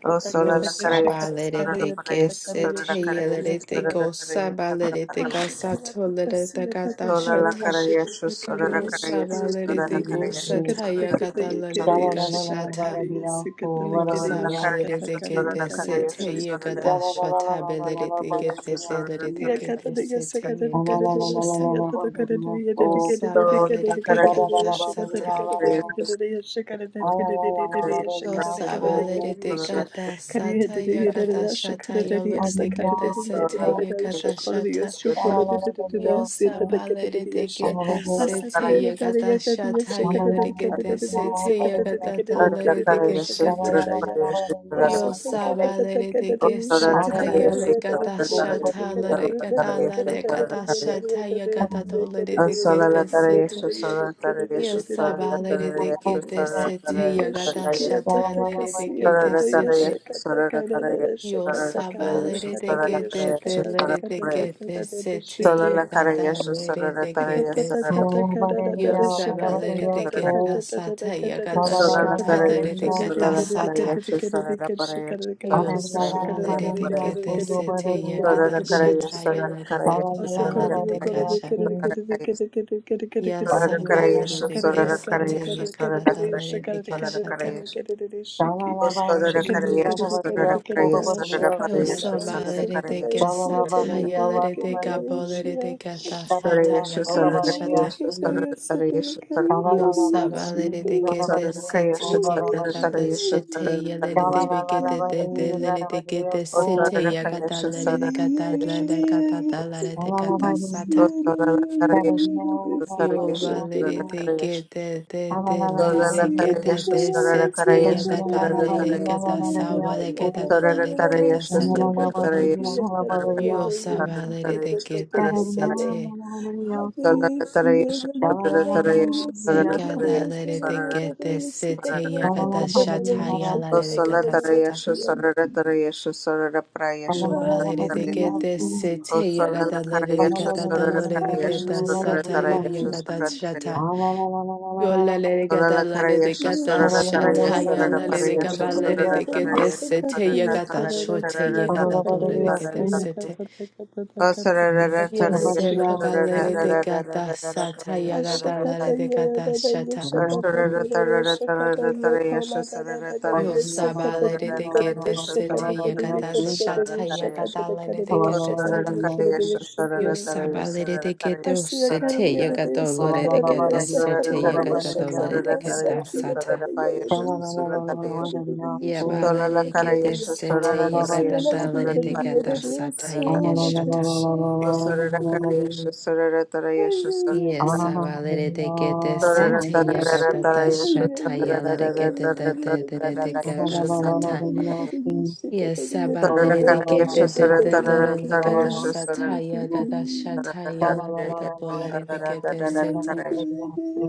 Speaker 1: O sola
Speaker 5: Yo
Speaker 1: la carayas, sola la
Speaker 5: sabalerete que
Speaker 1: parayas,
Speaker 5: se
Speaker 1: sola
Speaker 5: te
Speaker 1: la carayas,
Speaker 5: yelerete
Speaker 1: sola la
Speaker 5: go
Speaker 1: carayas,
Speaker 5: sabalerete ga sato lerete gata
Speaker 1: sola la
Speaker 5: shata.
Speaker 1: parayas, sola la
Speaker 5: Yo
Speaker 1: carayas, sola la
Speaker 5: sabalerete go
Speaker 1: carayas,
Speaker 5: sata
Speaker 1: sola la
Speaker 5: yagata
Speaker 1: carayas,
Speaker 5: lerete ga shata. Yo
Speaker 1: sola la carayas,
Speaker 5: sabalerete que
Speaker 1: sola la
Speaker 5: te se
Speaker 1: carayas,
Speaker 5: te
Speaker 1: sola la carayas,
Speaker 5: ye
Speaker 1: sola
Speaker 3: la
Speaker 1: la
Speaker 5: gata
Speaker 2: Shikata
Speaker 3: la
Speaker 5: shata belerete que
Speaker 1: carayas,
Speaker 5: te te
Speaker 1: sola la carayas, sola la carayas, sola la carayas, sola
Speaker 2: Yes,
Speaker 5: lerete que te se te ye gata shata. Yo sabalerete gata
Speaker 1: la
Speaker 5: sata.
Speaker 1: carayas,
Speaker 5: Yo sabalere de
Speaker 1: sola
Speaker 5: gata sata ya gata shata yo lere de gata sete ya gata shata yo sabalere de gete sete
Speaker 1: la
Speaker 5: ya gata shata ya lere
Speaker 1: carayas,
Speaker 5: gete sete ya gata ta lere de
Speaker 3: la
Speaker 5: geshete
Speaker 3: la
Speaker 5: yo sabalere de gesata ya gata shata lere gata lere gata shata ya gata to lere de gete sete Yes, sabalere de gete
Speaker 2: Shikata
Speaker 5: sete ya gata shata lere de gete
Speaker 3: la
Speaker 5: sete Yo saba lere de que de de lere de que de se te yeda da lere de
Speaker 2: Shikara
Speaker 5: que de se
Speaker 3: Shalala
Speaker 5: yo saba lere de que da sata yaga da
Speaker 1: Solana
Speaker 5: shata
Speaker 1: para
Speaker 5: lere de
Speaker 1: Yasha,
Speaker 5: que da
Speaker 1: Solana para
Speaker 5: sata
Speaker 1: Yasha, Solana para Yasha, Solana
Speaker 5: yo
Speaker 1: para
Speaker 5: saba lere de que
Speaker 1: Yasha,
Speaker 5: de se te yaga da
Speaker 1: Solana para Yasha,
Speaker 5: shata ya
Speaker 1: Solana
Speaker 5: lere
Speaker 1: para
Speaker 5: de que da lere
Speaker 1: Yasha,
Speaker 5: de que ya
Speaker 1: Solana para
Speaker 5: saba lere
Speaker 1: Yasha,
Speaker 5: de que
Speaker 1: Solana para Yasha, Solana
Speaker 5: se
Speaker 1: para
Speaker 5: te
Speaker 1: Yasha,
Speaker 5: yaga
Speaker 1: Solana
Speaker 5: da da lere de que
Speaker 1: para
Speaker 5: shata
Speaker 1: Yasha, Solana para Yasha, Solana para Yasha, Solana para Yasha, Solana para
Speaker 5: Yo
Speaker 1: Yasha, Solana
Speaker 5: sabalere
Speaker 1: para
Speaker 5: de
Speaker 1: Yasha,
Speaker 5: gesata yalere de gabolere de gata
Speaker 1: Solana
Speaker 5: sata
Speaker 1: Yasha,
Speaker 2: Yes,
Speaker 5: yakata
Speaker 1: Solana para Yasha, Solana para Yasha, Solana para Yasha, Solana para Yasha,
Speaker 5: shata.
Speaker 1: Solana
Speaker 5: Yo sabalere de gete sete yakata
Speaker 1: para
Speaker 5: da
Speaker 1: Yasha,
Speaker 5: shete
Speaker 1: Solana para
Speaker 5: yalere de
Speaker 1: Yasha,
Speaker 5: begete de de lere de gete
Speaker 1: O
Speaker 5: sete
Speaker 1: sarara
Speaker 5: yakata
Speaker 1: kayasha
Speaker 5: lere de
Speaker 1: sarara
Speaker 5: gata
Speaker 1: kayasha
Speaker 5: lere
Speaker 1: sarara
Speaker 5: gata da
Speaker 1: kayasha.
Speaker 5: lere de gata
Speaker 3: Shalala
Speaker 1: O
Speaker 5: sata.
Speaker 1: sarara karayasha
Speaker 5: Yo
Speaker 1: tarayasha
Speaker 5: balere
Speaker 1: sarara
Speaker 5: de
Speaker 1: karayasha
Speaker 5: gete de de lere
Speaker 1: sarara
Speaker 5: de
Speaker 2: Hallelujah, Jesus,
Speaker 5: gete
Speaker 1: tarayasha
Speaker 5: de
Speaker 2: hallelujah,
Speaker 1: sarara
Speaker 5: sete
Speaker 1: karayasha
Speaker 5: yakata
Speaker 1: sarara
Speaker 5: lere
Speaker 1: tarayasha
Speaker 5: gata sabalere gata da
Speaker 1: sarara
Speaker 5: lere de gata
Speaker 1: tarayasha sarara
Speaker 5: sata.
Speaker 1: tarayasha
Speaker 5: Yo sabalere de
Speaker 1: sarara
Speaker 5: gete
Speaker 1: tarayasha
Speaker 5: sete.
Speaker 1: sarara tarayasha sarara tarayasha sarara tarayasha sarara
Speaker 5: Ekata
Speaker 1: tarayasha
Speaker 5: lere de
Speaker 1: sarara tarayasha
Speaker 5: gete sete
Speaker 1: sarara karayasha
Speaker 5: yagata shata yala
Speaker 1: O
Speaker 5: de
Speaker 1: sarara
Speaker 5: gata sata.
Speaker 1: tarayasha sarara tarayasha sarara prayasha
Speaker 5: Yo balere de gete sete
Speaker 1: Solala
Speaker 5: yagata lere de
Speaker 1: Karayasha
Speaker 5: gata
Speaker 1: Sorara
Speaker 2: Jesus,
Speaker 5: dolore de
Speaker 1: Karayasha
Speaker 5: gata
Speaker 2: hallelujah,
Speaker 1: Sorara
Speaker 5: sata ya
Speaker 2: oh,
Speaker 1: Tarayasha
Speaker 5: yagata
Speaker 1: Sorara
Speaker 2: Jesus.
Speaker 1: Tarayasha
Speaker 5: shata. Yo lere de gata
Speaker 1: Solala
Speaker 5: lere de
Speaker 1: Karayasha
Speaker 5: gata
Speaker 1: Sorara
Speaker 2: Yaratsiya
Speaker 1: Taraya
Speaker 5: shata
Speaker 1: Sorara
Speaker 5: yala de
Speaker 2: Kadayasa
Speaker 1: Parayasha
Speaker 5: gabalere
Speaker 1: Sorara
Speaker 5: de gete
Speaker 2: Kayakadayasa
Speaker 1: Tarayasha
Speaker 5: sete
Speaker 1: Sorara
Speaker 2: Kataya
Speaker 5: yagata
Speaker 1: Taraya
Speaker 5: shote
Speaker 2: sakataya Kararasiya
Speaker 1: Sorara
Speaker 5: yagata
Speaker 1: Taraya
Speaker 5: dolore de
Speaker 2: Takadayasa
Speaker 1: Sorara
Speaker 5: gete
Speaker 1: Taraya
Speaker 5: sete.
Speaker 1: O
Speaker 3: La
Speaker 1: Sorara
Speaker 3: la
Speaker 5: Yes,
Speaker 1: Tarayasha
Speaker 5: Seba
Speaker 1: Sorara
Speaker 5: Galere de
Speaker 2: Yakatakatakatakatakatayashikatakaria
Speaker 5: Gata
Speaker 1: Tarara
Speaker 5: Sata
Speaker 1: Karaya
Speaker 5: Yagata
Speaker 1: Sorara
Speaker 5: Lale de
Speaker 1: Taraya
Speaker 5: Gata Shata.
Speaker 1: Sorara Tarara Tarara
Speaker 2: Ashakatayararayashakatakararashakataya
Speaker 1: Tarayasha Sorara
Speaker 5: Yo
Speaker 1: Tarayasha
Speaker 5: sabale
Speaker 1: Sorara
Speaker 5: de que te
Speaker 1: Tarayasha
Speaker 5: sete
Speaker 1: Sorara
Speaker 5: yagata
Speaker 1: Tarayasha Sorara
Speaker 5: shata
Speaker 1: Tarayasha
Speaker 5: yagata lene de
Speaker 1: Sorara
Speaker 5: que te sete. Yo
Speaker 2: Kolararararariyasakatayakadayashakatayakadayashakatayakadayashakatayakadayashakaya
Speaker 5: sabale de que te o
Speaker 2: Asiya
Speaker 5: sete
Speaker 2: karariya dedeya
Speaker 5: yagata lore de que
Speaker 2: sakarariya
Speaker 5: te sete
Speaker 2: sakarariya
Speaker 5: yagata dolore de
Speaker 2: shakariya
Speaker 5: que ta
Speaker 2: satriya
Speaker 5: sata.
Speaker 2: tateya dedeya shikatata karariya
Speaker 5: Yabale
Speaker 2: shikatata
Speaker 5: de que
Speaker 2: karariya
Speaker 5: te
Speaker 2: dedeya
Speaker 5: sete
Speaker 2: Asiya
Speaker 5: yagata
Speaker 2: ladariya
Speaker 5: dolore de que
Speaker 2: dedeya
Speaker 5: ta
Speaker 2: dedeya
Speaker 5: sata yaga
Speaker 3: la
Speaker 2: soluta
Speaker 5: shata.
Speaker 2: shikariya ayaya dedeya
Speaker 5: Yesabale de que te sete yagata ta
Speaker 2: ashikariya
Speaker 5: shata yala
Speaker 2: dedeya
Speaker 5: que te te
Speaker 2: dedeya
Speaker 5: te te
Speaker 2: dedeya
Speaker 5: de que
Speaker 2: Asiya
Speaker 5: ta
Speaker 2: dedeya
Speaker 5: sata.
Speaker 2: dedeya dedeya
Speaker 5: Yes,
Speaker 2: shikatariya
Speaker 5: sabalere de
Speaker 2: tatakataya
Speaker 5: gete de de de
Speaker 2: tatakaya
Speaker 5: de de gata
Speaker 2: kitiya
Speaker 5: sataya
Speaker 3: la
Speaker 5: gata
Speaker 1: Sarada
Speaker 2: sitiya
Speaker 3: Oh, Sha
Speaker 5: shataya
Speaker 3: la
Speaker 5: la
Speaker 3: la la
Speaker 5: gata bolere de gete
Speaker 2: I
Speaker 5: sete.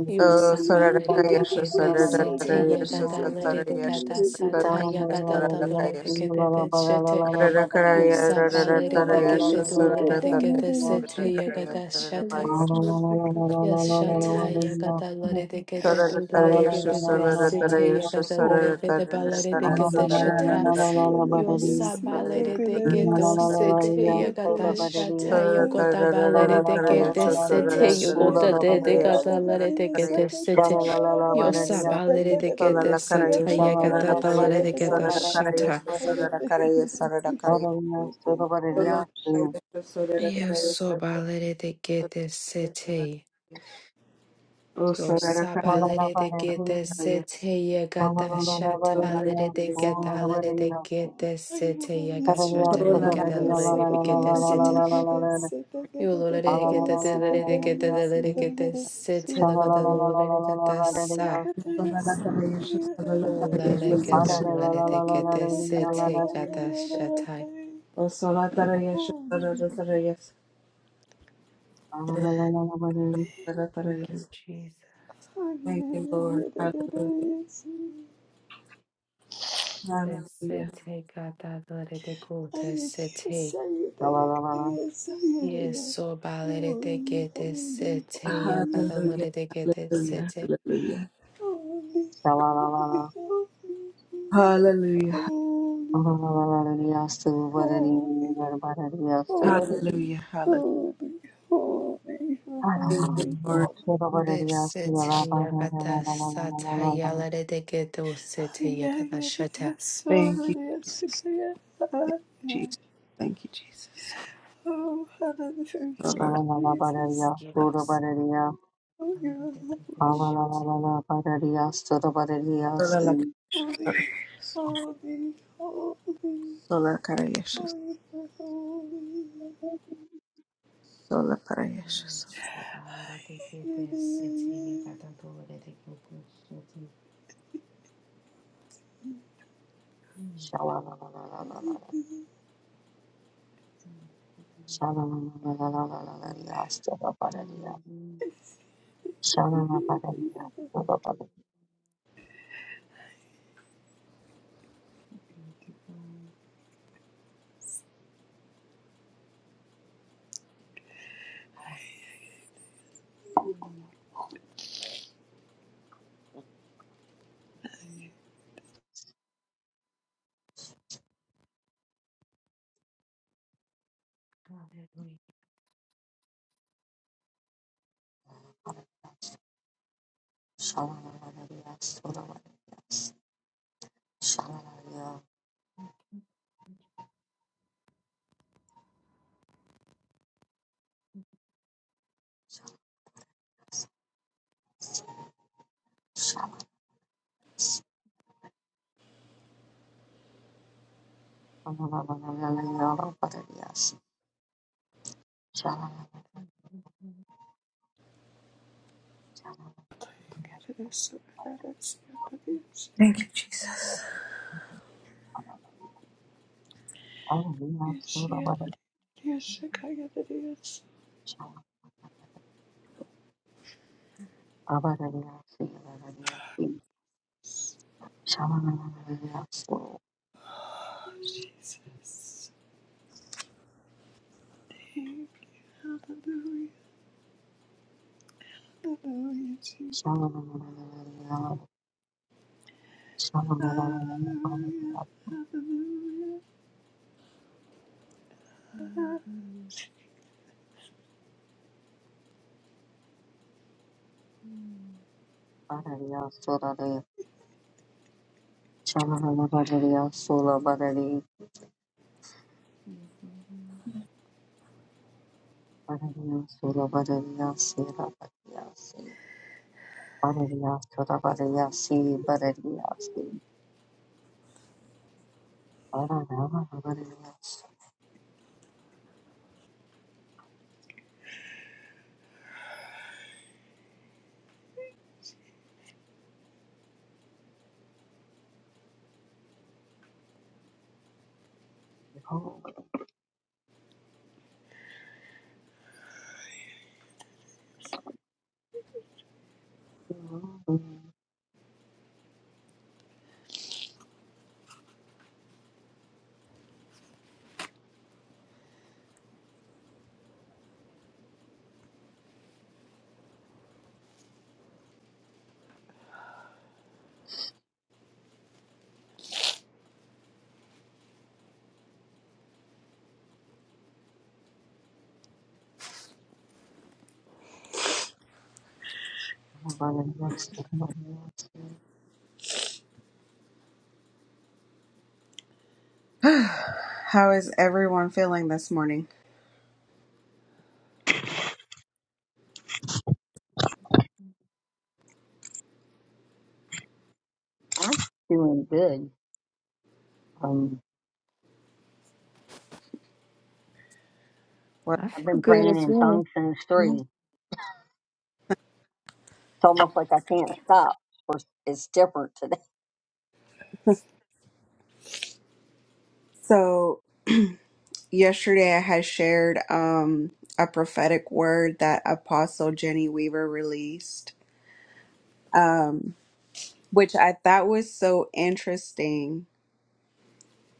Speaker 5: Yo sabalere de gete sete ya gata lere de gata sataya gata dolere de gete de sete. Yo sabalere de gete dolere de gete sete ya gata shata. Yashataya gadalare de gede dudlare gede de sete yagadalare gede balare de gede shata yosabalare de gede sete yagada shata
Speaker 2: Thank you.
Speaker 1: Solala
Speaker 5: yogoda balare de
Speaker 3: la
Speaker 1: Karayesh
Speaker 5: gede sete
Speaker 1: Sura
Speaker 2: Yes,
Speaker 1: Paresh
Speaker 5: yogoda de de gadalare de gede sete
Speaker 3: la la
Speaker 5: yosabalare
Speaker 3: la,
Speaker 5: de gede
Speaker 1: Solala
Speaker 5: sata
Speaker 1: Karayesh
Speaker 3: Shalala
Speaker 1: Sura
Speaker 5: yagada dalare
Speaker 1: Karayesh
Speaker 5: de gede
Speaker 1: Sara Karayesh
Speaker 5: shata
Speaker 1: Solala Karayesh Sura Karayesh
Speaker 5: yosobalare de gede sete
Speaker 1: O
Speaker 5: Yo
Speaker 1: Sara Karayesh
Speaker 5: sabalere de gete
Speaker 1: Karayesh
Speaker 5: sete yegata shatalere de getalere de gete sete yega shatalere
Speaker 1: Solala
Speaker 5: getalere de gete sete. Yo lore de gete delere de gete delere gete sete la gata lore de gata sa.
Speaker 1: Solala Solala Karayesh Solala
Speaker 5: O la
Speaker 1: Karayesh
Speaker 5: le
Speaker 1: Solala
Speaker 5: gata lore de gete sete gata shatai.
Speaker 1: O Solala Karayesh
Speaker 2: Oh,
Speaker 1: Sura Karayesh Sura
Speaker 5: Thank
Speaker 1: Karayesh
Speaker 5: you, Jesus.
Speaker 1: Thank you Lord
Speaker 2: hallelujah,
Speaker 1: Hallelujah
Speaker 5: Le
Speaker 1: Hallelujah
Speaker 5: sete gata lore de gote sete. Yes, so balere de gete sete yagada
Speaker 1: Hallelujah,
Speaker 5: lere de gete
Speaker 1: hallelujah,
Speaker 5: sete.
Speaker 1: hallelujah, hallelujah, hallelujah, hallelujah.
Speaker 3: Shalala
Speaker 1: Thank you, Lord,
Speaker 5: This sete yagada sata yalere de gete o sete yagada shata.
Speaker 1: thank you, Jesus, thank you, Jesus, thank you, Jesus. Sola
Speaker 2: Jesus.
Speaker 1: la-
Speaker 5: Forgiveness.
Speaker 2: Oh,
Speaker 5: Balere
Speaker 2: you're
Speaker 5: de gete
Speaker 2: lovely.
Speaker 5: shete.
Speaker 1: sola la-
Speaker 2: Holy, holy, holy, holy,
Speaker 1: sola
Speaker 2: holy.
Speaker 1: carayasha,
Speaker 2: Oh, Jesus.
Speaker 1: sola parayasha, sola.
Speaker 5: Yes, so balere de gete
Speaker 2: Hallelujah,
Speaker 5: sete yagada lere de gete shete. Mm,
Speaker 2: hallelujah,
Speaker 5: mm, mm. Hallelujah.
Speaker 2: Jesus. Hallelujah, hallelujah.
Speaker 5: Hallelujah to God. Hallelujah. Hallelujah. Thank you, Jesus.
Speaker 1: Thank you, Jesus.
Speaker 3: Yes. I'm
Speaker 5: Hallelujah. Mhm.
Speaker 1: How is everyone feeling this morning?
Speaker 3: doing good. Um,
Speaker 1: What?
Speaker 5: I
Speaker 3: I've
Speaker 5: feel
Speaker 3: been
Speaker 5: good
Speaker 3: praying
Speaker 5: as
Speaker 3: in
Speaker 5: well.
Speaker 3: tongues since
Speaker 5: Yeah.
Speaker 3: three. It's almost like I can't stop. Of course, It's different today.
Speaker 1: So yesterday I had shared um, a prophetic word that Apostle Jenny Weaver released. Um, which I thought was so interesting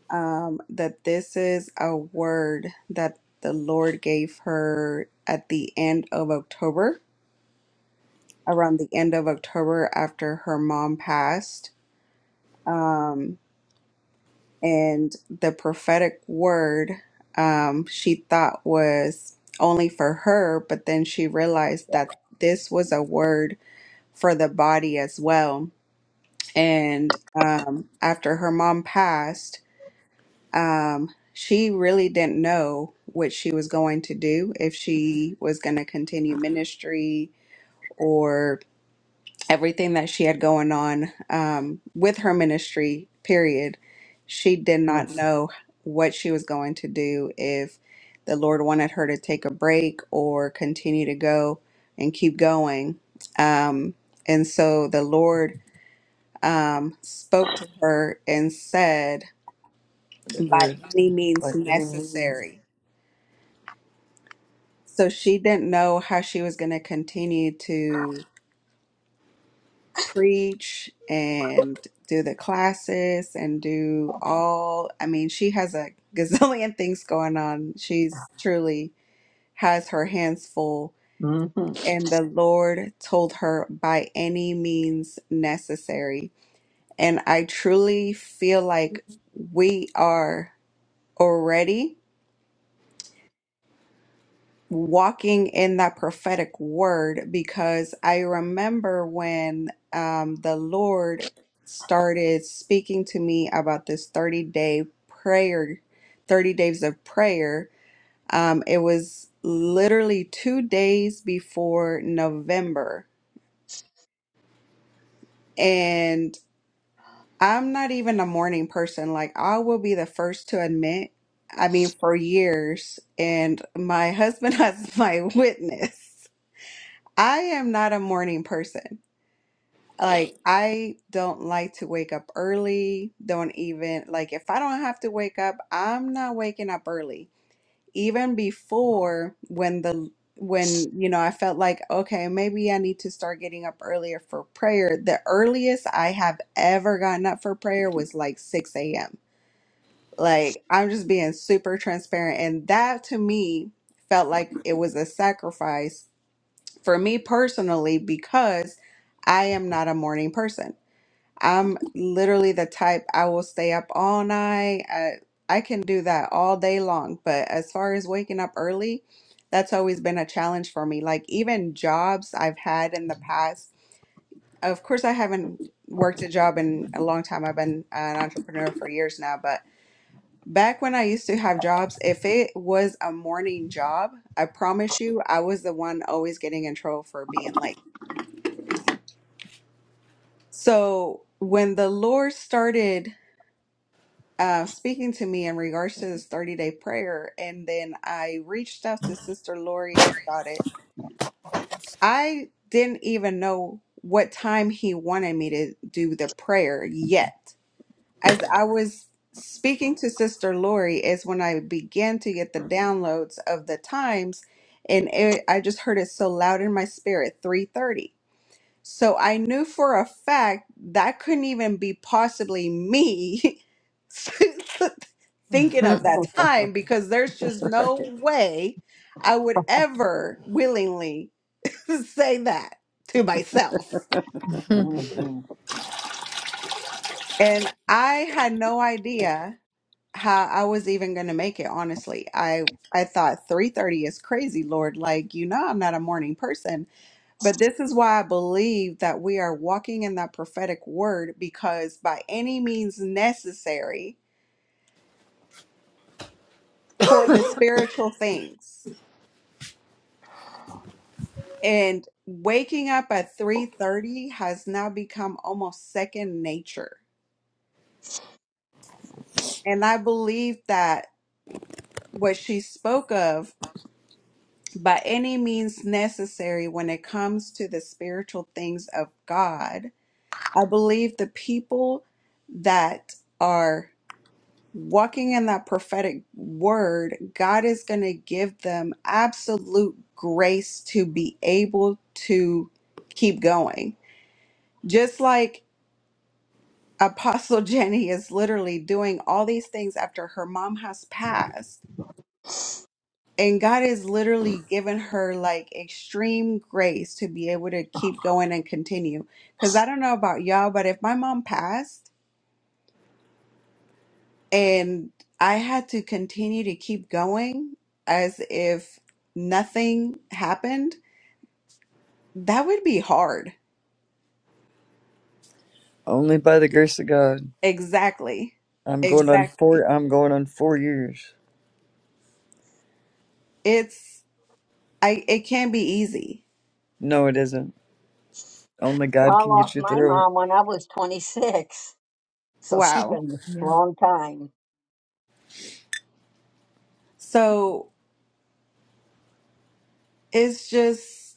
Speaker 1: um, that this is a word that the Lord gave her at the end of October, around the end of October after her mom passed. Um, and the prophetic word um, she thought was only for her, but then she realized that this was a word for the body as well. And um, after her mom passed, um, she really didn't know what she was going to do, if she was going to continue ministry or everything that she had going on um, with her ministry, period. She did not know what she was going to do, if the Lord wanted her to take a break or continue to go and keep going. Um, and so the Lord um, spoke to her and said, by
Speaker 2: Never by
Speaker 1: any means
Speaker 2: any means.
Speaker 1: necessary. so she didn't know how she was going to continue to preach and do the classes and do all i mean she has a gazillion things going on she's truly has her hands full
Speaker 3: Mhm.
Speaker 1: and the lord told her by any means necessary and i truly feel like we are already walking in that prophetic word because I remember when um, the Lord started speaking to me about this 30 day prayer, 30 days of prayer. Um, it was literally two days before November. And I'm not even a morning person. Like, I will be the first to admit. I mean, for years, and my husband has my witness I am not a morning person. Like, I don't like to wake up early. Don't even, like, if I don't have to wake up, I'm not waking up early. Even before when the, when, you know, I felt like, okay, maybe I need to start getting up earlier for prayer. The earliest I have ever gotten up for prayer was like 6 a.m. Like, I'm just being super transparent. And that to me felt like it was a sacrifice for me personally because I am not a morning person. I'm literally the type I will stay up all night. I, I can do that all day long, but as far as waking up early, that's always been a challenge for me. Like even jobs I've had in the past. Of course, I haven't worked a job in a long time. I've been an entrepreneur for years now, but back when I used to have jobs, if it was a morning job, I promise you, I was the one always getting in trouble for being late So when the Lord started uh, speaking to me in regards to this 30 day prayer, and then I reached out to Sister Lori about it, I didn't even know what time he wanted me to do the prayer yet. As I was speaking to Sister Lori, is when I began to get the downloads of the times, and it, I just heard it so loud in my spirit, 3:30. So I knew for a fact that couldn't even be possibly me thinking of
Speaker 5: Mhm.
Speaker 1: that time because there's just no way I would ever willingly say that to myself.
Speaker 5: mhm.
Speaker 3: I
Speaker 1: And I had no idea how I was even going to make it honestly. I I thought 3:30 is crazy, Lord. Like, you know I'm not a morning person But this is why I believe that we are walking in that prophetic word because by any means necessary for the spiritual things. And waking up at 3:30 has now become almost second nature. And I believe that what she spoke of by any means necessary when it comes to the spiritual things of God, I believe the people that are walking in that prophetic word, God is going to give them absolute grace to be able to keep going. Just like Apostle Jenny is literally doing all these things after her mom has passed. And God has literally given her like extreme grace to be able to keep going and continue. Because I don't know about y'all, but if my mom passed, And I had to continue to keep going as if nothing happened. That would be hard.
Speaker 2: Only by the grace of God.
Speaker 1: Exactly.
Speaker 2: I'm going on
Speaker 1: Exactly.
Speaker 2: four. I'm going on four years.
Speaker 1: It's I it can be easy.
Speaker 2: No, it isn't. Only God can get
Speaker 3: lost
Speaker 2: you
Speaker 3: my
Speaker 2: through it.
Speaker 3: mom when I was 26, so she's
Speaker 1: Wow.
Speaker 3: been a
Speaker 5: Yeah.
Speaker 3: long time.
Speaker 1: So it's just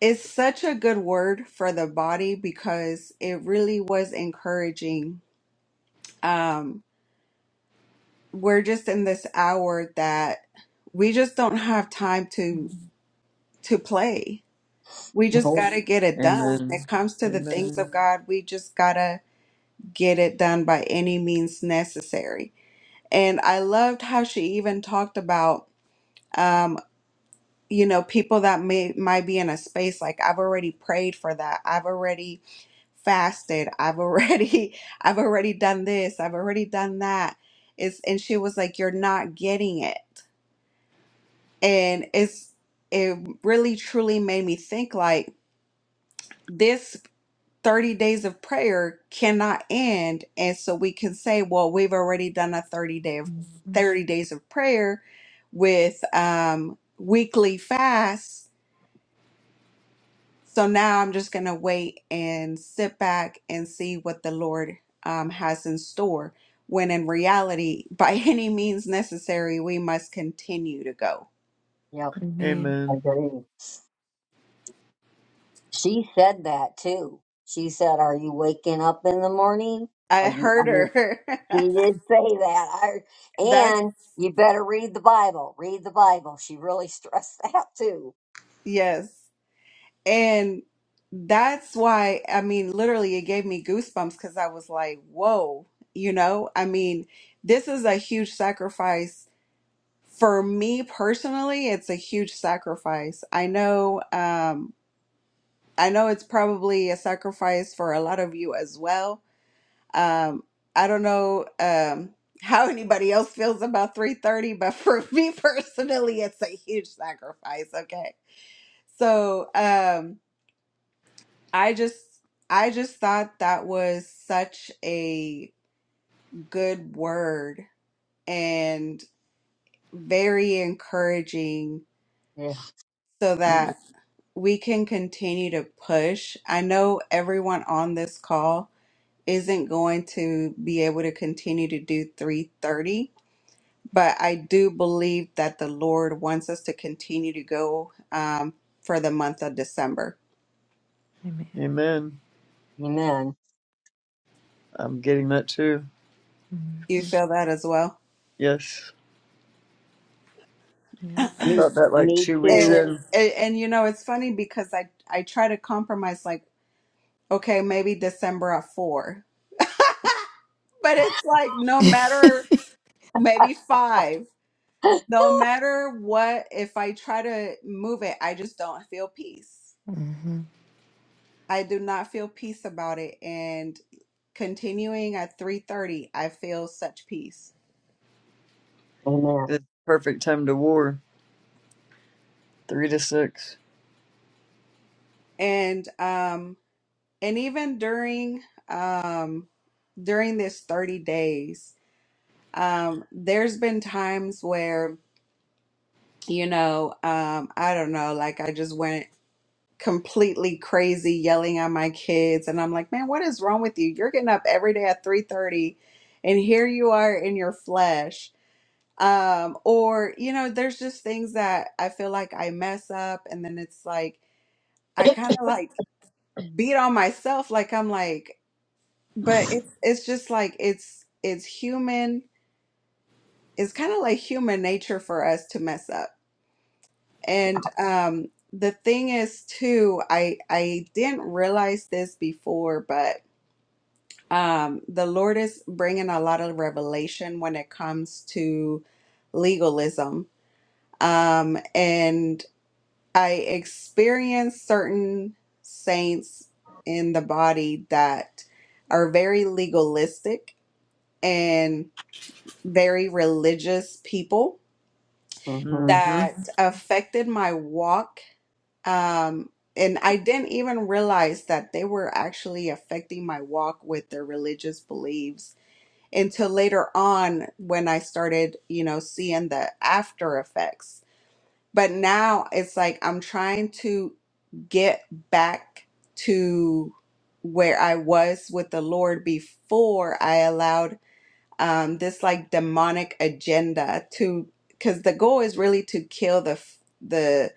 Speaker 1: it's such a good word for the body because it really was encouraging. Um we're just in this hour that we just don't have time to
Speaker 5: Mhm.
Speaker 1: to play We just
Speaker 3: Nope.
Speaker 1: got to get it done. When it
Speaker 2: Amen.
Speaker 1: comes to the things
Speaker 2: Amen.
Speaker 1: of God, we just got to get it done by any means necessary. And I loved how she even talked about, um, you know, people that may might be in a space like I've already prayed for that. I've already fasted. I've already I've already done this. I've already done that. It's and she was like, "You're not getting it." And it's it really truly made me think like this 30 days of prayer cannot end and so we can say well we've already done a 30 day of 30 days of prayer with um weekly fasts so now i'm just going to wait and sit back and see what the lord um, has in store when in reality by any means necessary we must continue to go
Speaker 3: Yep,
Speaker 5: Amen.
Speaker 3: I
Speaker 2: Amen.
Speaker 3: agree. She said that too. She said, "Are you waking up in the morning? Are
Speaker 1: i
Speaker 3: you?" I
Speaker 1: heard
Speaker 3: mean,
Speaker 1: her
Speaker 3: she did say that. I
Speaker 1: that's
Speaker 3: and you better read the Bible. Read the Bible. She really stressed that too.
Speaker 1: yes And that's why, I mean, literally, it gave me goosebumps because I was like, whoa, you know? I mean, this is a huge sacrifice. For me personally, it's a huge sacrifice. I know, um, I know it's probably a sacrifice for a lot of you as well. Um, I don't know, um, how anybody else feels about 330, but for me personally, it's a huge sacrifice. Okay. So, um, I just I just thought that was such a good word and very encouraging
Speaker 3: Yeah.
Speaker 1: so
Speaker 2: Yeah.
Speaker 1: that we can continue to push. I know everyone on this call isn't going to be able to continue to do 330, but I do believe that the Lord wants us to continue to go um, for the month of December.
Speaker 5: Amen.
Speaker 2: Amen.
Speaker 3: Amen.
Speaker 2: I'm getting that too.
Speaker 1: You
Speaker 5: hmm
Speaker 1: feel that as well?
Speaker 2: Yes,
Speaker 5: Yeah.
Speaker 2: I
Speaker 3: Me,
Speaker 2: felt that like
Speaker 3: me
Speaker 2: two weeks
Speaker 3: too.
Speaker 1: and,
Speaker 2: in.
Speaker 1: and and you know it's funny because i i try to compromise like okay maybe december at four but it's like no matter maybe five no matter what if i try to move it i just don't feel peace
Speaker 5: Mhm.
Speaker 1: i do not feel peace about it and continuing at 3.30 i feel such peace
Speaker 3: Amen.
Speaker 2: It's perfect time to war. Three to six.
Speaker 1: and um and even during um during this 30 days um there's been times where you know, um, I don't know, like I just went completely crazy yelling at my kids and I'm like, man, what is wrong with you? You're getting up every day at 3:30 and here you are in your flesh. Um, or, you know, there's just things that I feel like I mess up and then it's like I kind of like beat on myself like I'm like, but it's it's just like it's it's human. It's kind of like human nature for us to mess up And um, the thing is, too, I I didn't realize this before, but um, the Lord is bringing a lot of revelation when it comes to legalism. Um, and I experienced certain saints in the body that are very legalistic and very religious people
Speaker 3: Mm-hmm.
Speaker 2: Mm-hmm.
Speaker 1: that affected my walk Um, and I didn't even realize that they were actually affecting my walk with their religious beliefs until later on when I started, you know, seeing the after effects. But now it's like I'm trying to get back to where I was with the Lord before I allowed um, this like demonic agenda to, because the goal is really to kill the f- the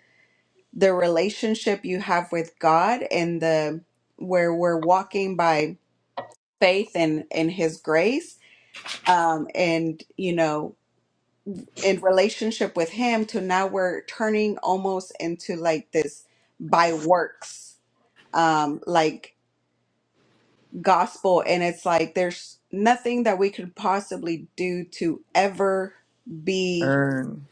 Speaker 1: the relationship you have with God and the where we're walking by faith and and his grace um and you know in relationship with him to now we're turning almost into like this by works um like gospel and it's like there's nothing that we could possibly do to ever be
Speaker 2: Earn.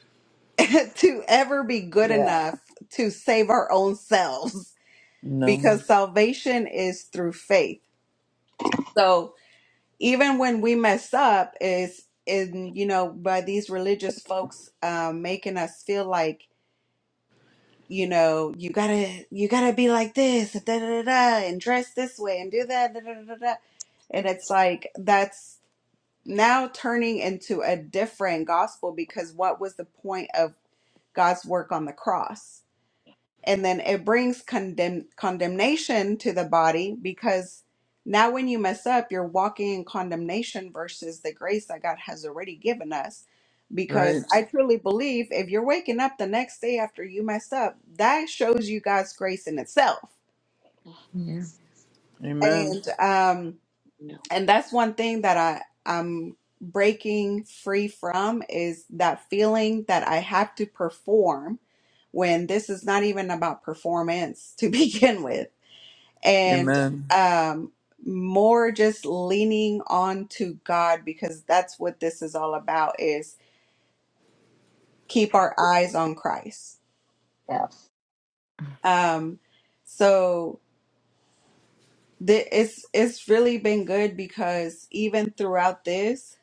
Speaker 1: to ever be good
Speaker 3: Yeah.
Speaker 1: enough to save our own selves
Speaker 2: No.
Speaker 1: because salvation is through faith. So even when we mess up, is in you know by these religious folks um, making us feel like you know you gotta you gotta be like this da, da, da, da, and dress this way and do that da, da, da, da. da. and it's like that's now turning into a different gospel because what was the point of God's work on the cross? and then it brings condemn condemnation to the body because now when you mess up you're walking in condemnation versus the grace that god has already given us because
Speaker 2: Right.
Speaker 1: i truly believe if you're waking up the next day after you messed up that shows you god's grace in itself
Speaker 5: Yeah.
Speaker 2: Amen.
Speaker 1: and um and that's one thing that i i'm breaking free from is that feeling that i have to perform when this is not even about performance to begin with and
Speaker 2: Amen.
Speaker 1: um more just leaning on to God because that's what this is all about is keep our eyes on Christ.
Speaker 3: Yes.
Speaker 1: Um so th- it's it's really been good because even throughout this,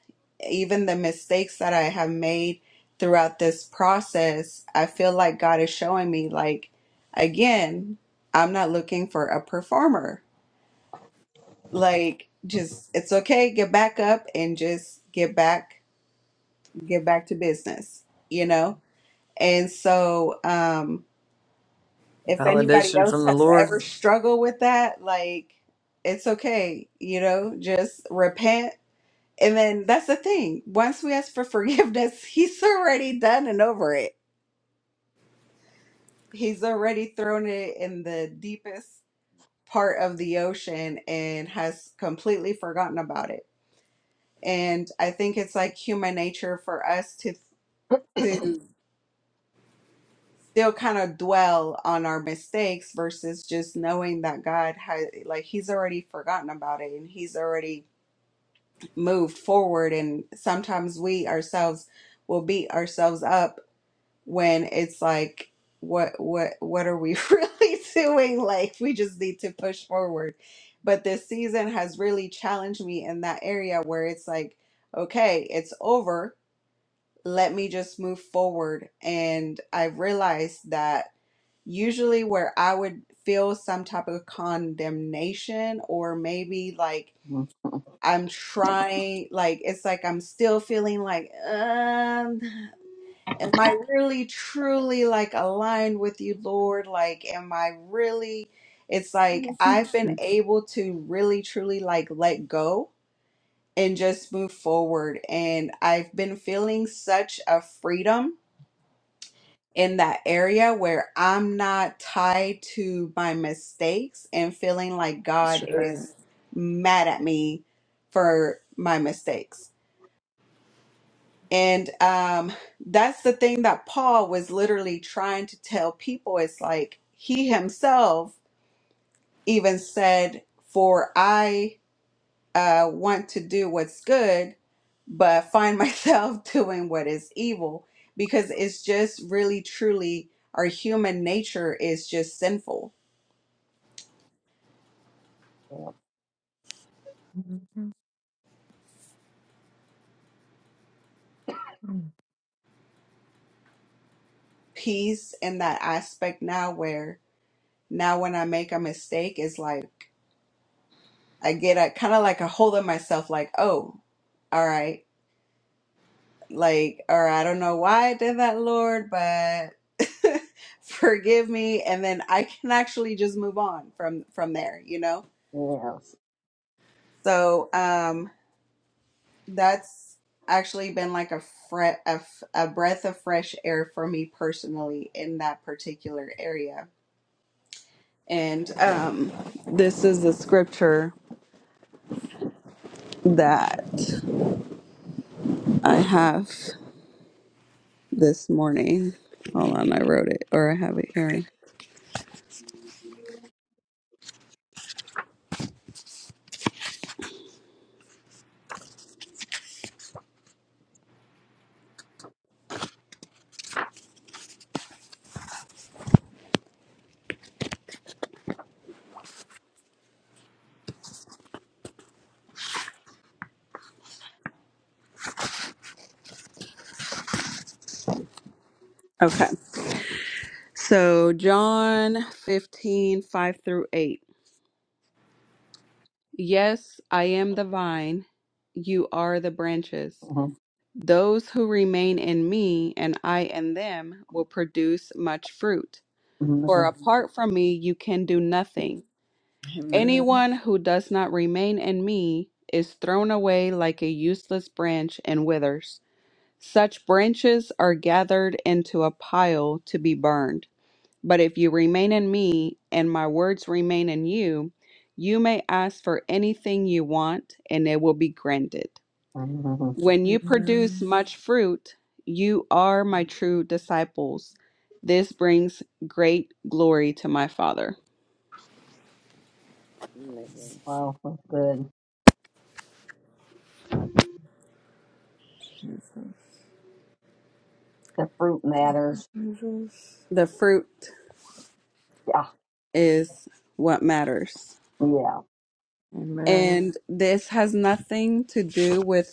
Speaker 1: even the mistakes that I have made throughout this process, I feel like God is showing me like again, I'm not looking for a performer. Like just it's okay, get back up and just get back get back to business, you know? And so um if anybody
Speaker 2: Validation
Speaker 1: else
Speaker 2: from the
Speaker 1: has
Speaker 2: Lord.
Speaker 1: ever struggled with that, like it's okay, you know, just repent. And then that's the thing. Once we ask for forgiveness, he's already done and over it. He's already thrown it in the deepest part of the ocean and has completely forgotten about it and I think it's like human nature for us to to still kind of dwell on our mistakes versus just knowing that God has like he's already forgotten about it and he's already moved forward and sometimes we ourselves will beat ourselves up when it's like what what what are we really doing like we just need to push forward but this season has really challenged me in that area where it's like okay it's over let me just move forward. And I realized that usually where I would feel some type of condemnation or maybe like
Speaker 3: Mm-hmm.
Speaker 1: I'm trying, like it's like I'm still feeling like, um, am I really truly like aligned with you, Lord? Like, am I really? It's like I've
Speaker 3: Mm-hmm.
Speaker 1: been able to really truly like let go and just move forward. And I've been feeling such a freedom in that area where I'm not tied to my mistakes and feeling like God
Speaker 2: That's right.
Speaker 1: is mad at me for my mistakes. And um, that's the thing that Paul was literally trying to tell people. It's like he himself even said, For I uh, want to do what's good, but find myself doing what is evil because it's just really truly our human nature is just sinful.
Speaker 5: Mhm. Mm.
Speaker 1: Peace in that aspect now, where now when I make a mistake, it's like I get a kind of like a hold of myself, like, oh, all right, like, or I don't know why I did that, Lord, but. forgive me and then i can actually just move on from from there you know
Speaker 3: Yes.
Speaker 1: so um that's actually been like a fre- a, f- a breath of fresh air for me personally in that particular area. And um, this is the scripture that I have this morning. Hold on, I wrote it or I have it here. Okay. So, John 15 5 through 8. Yes, I am the vine, you are the branches.
Speaker 3: Mm-hmm.
Speaker 1: Those who remain in me and I in them will produce much fruit. For
Speaker 3: Mm-hmm.
Speaker 1: apart from me, you can do nothing.
Speaker 2: Amen.
Speaker 1: Anyone who does not remain in me is thrown away like a useless branch and withers. Such branches are gathered into a pile to be burned. But if you remain in me and my words remain in you, you may ask for anything you want and it will be granted. When you produce
Speaker 2: Amen.
Speaker 1: much fruit, you are my true disciples. This brings great glory to my Father.
Speaker 3: Wow, that's good.
Speaker 2: Jesus.
Speaker 3: The fruit
Speaker 2: Thank
Speaker 3: matters.
Speaker 2: you, Jesus.
Speaker 1: The fruit
Speaker 3: Yeah.
Speaker 1: is what matters.
Speaker 3: Yeah.
Speaker 2: Amen.
Speaker 1: And this has nothing to do with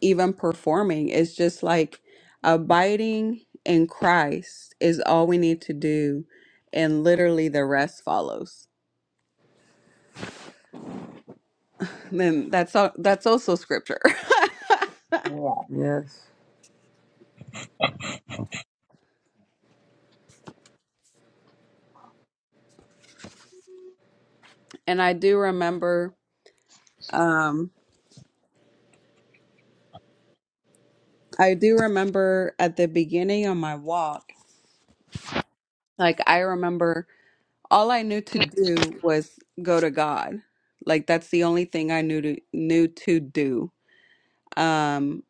Speaker 1: even performing. It's just like abiding in Christ is all we need to do and literally the rest follows. Then that's all, that's also scripture.
Speaker 3: Yeah.
Speaker 2: Yes.
Speaker 1: and I do remember um, I do remember at the beginning of my walk, like I remember all I knew to do was go to God. Like that's the only thing I knew to knew to do. Um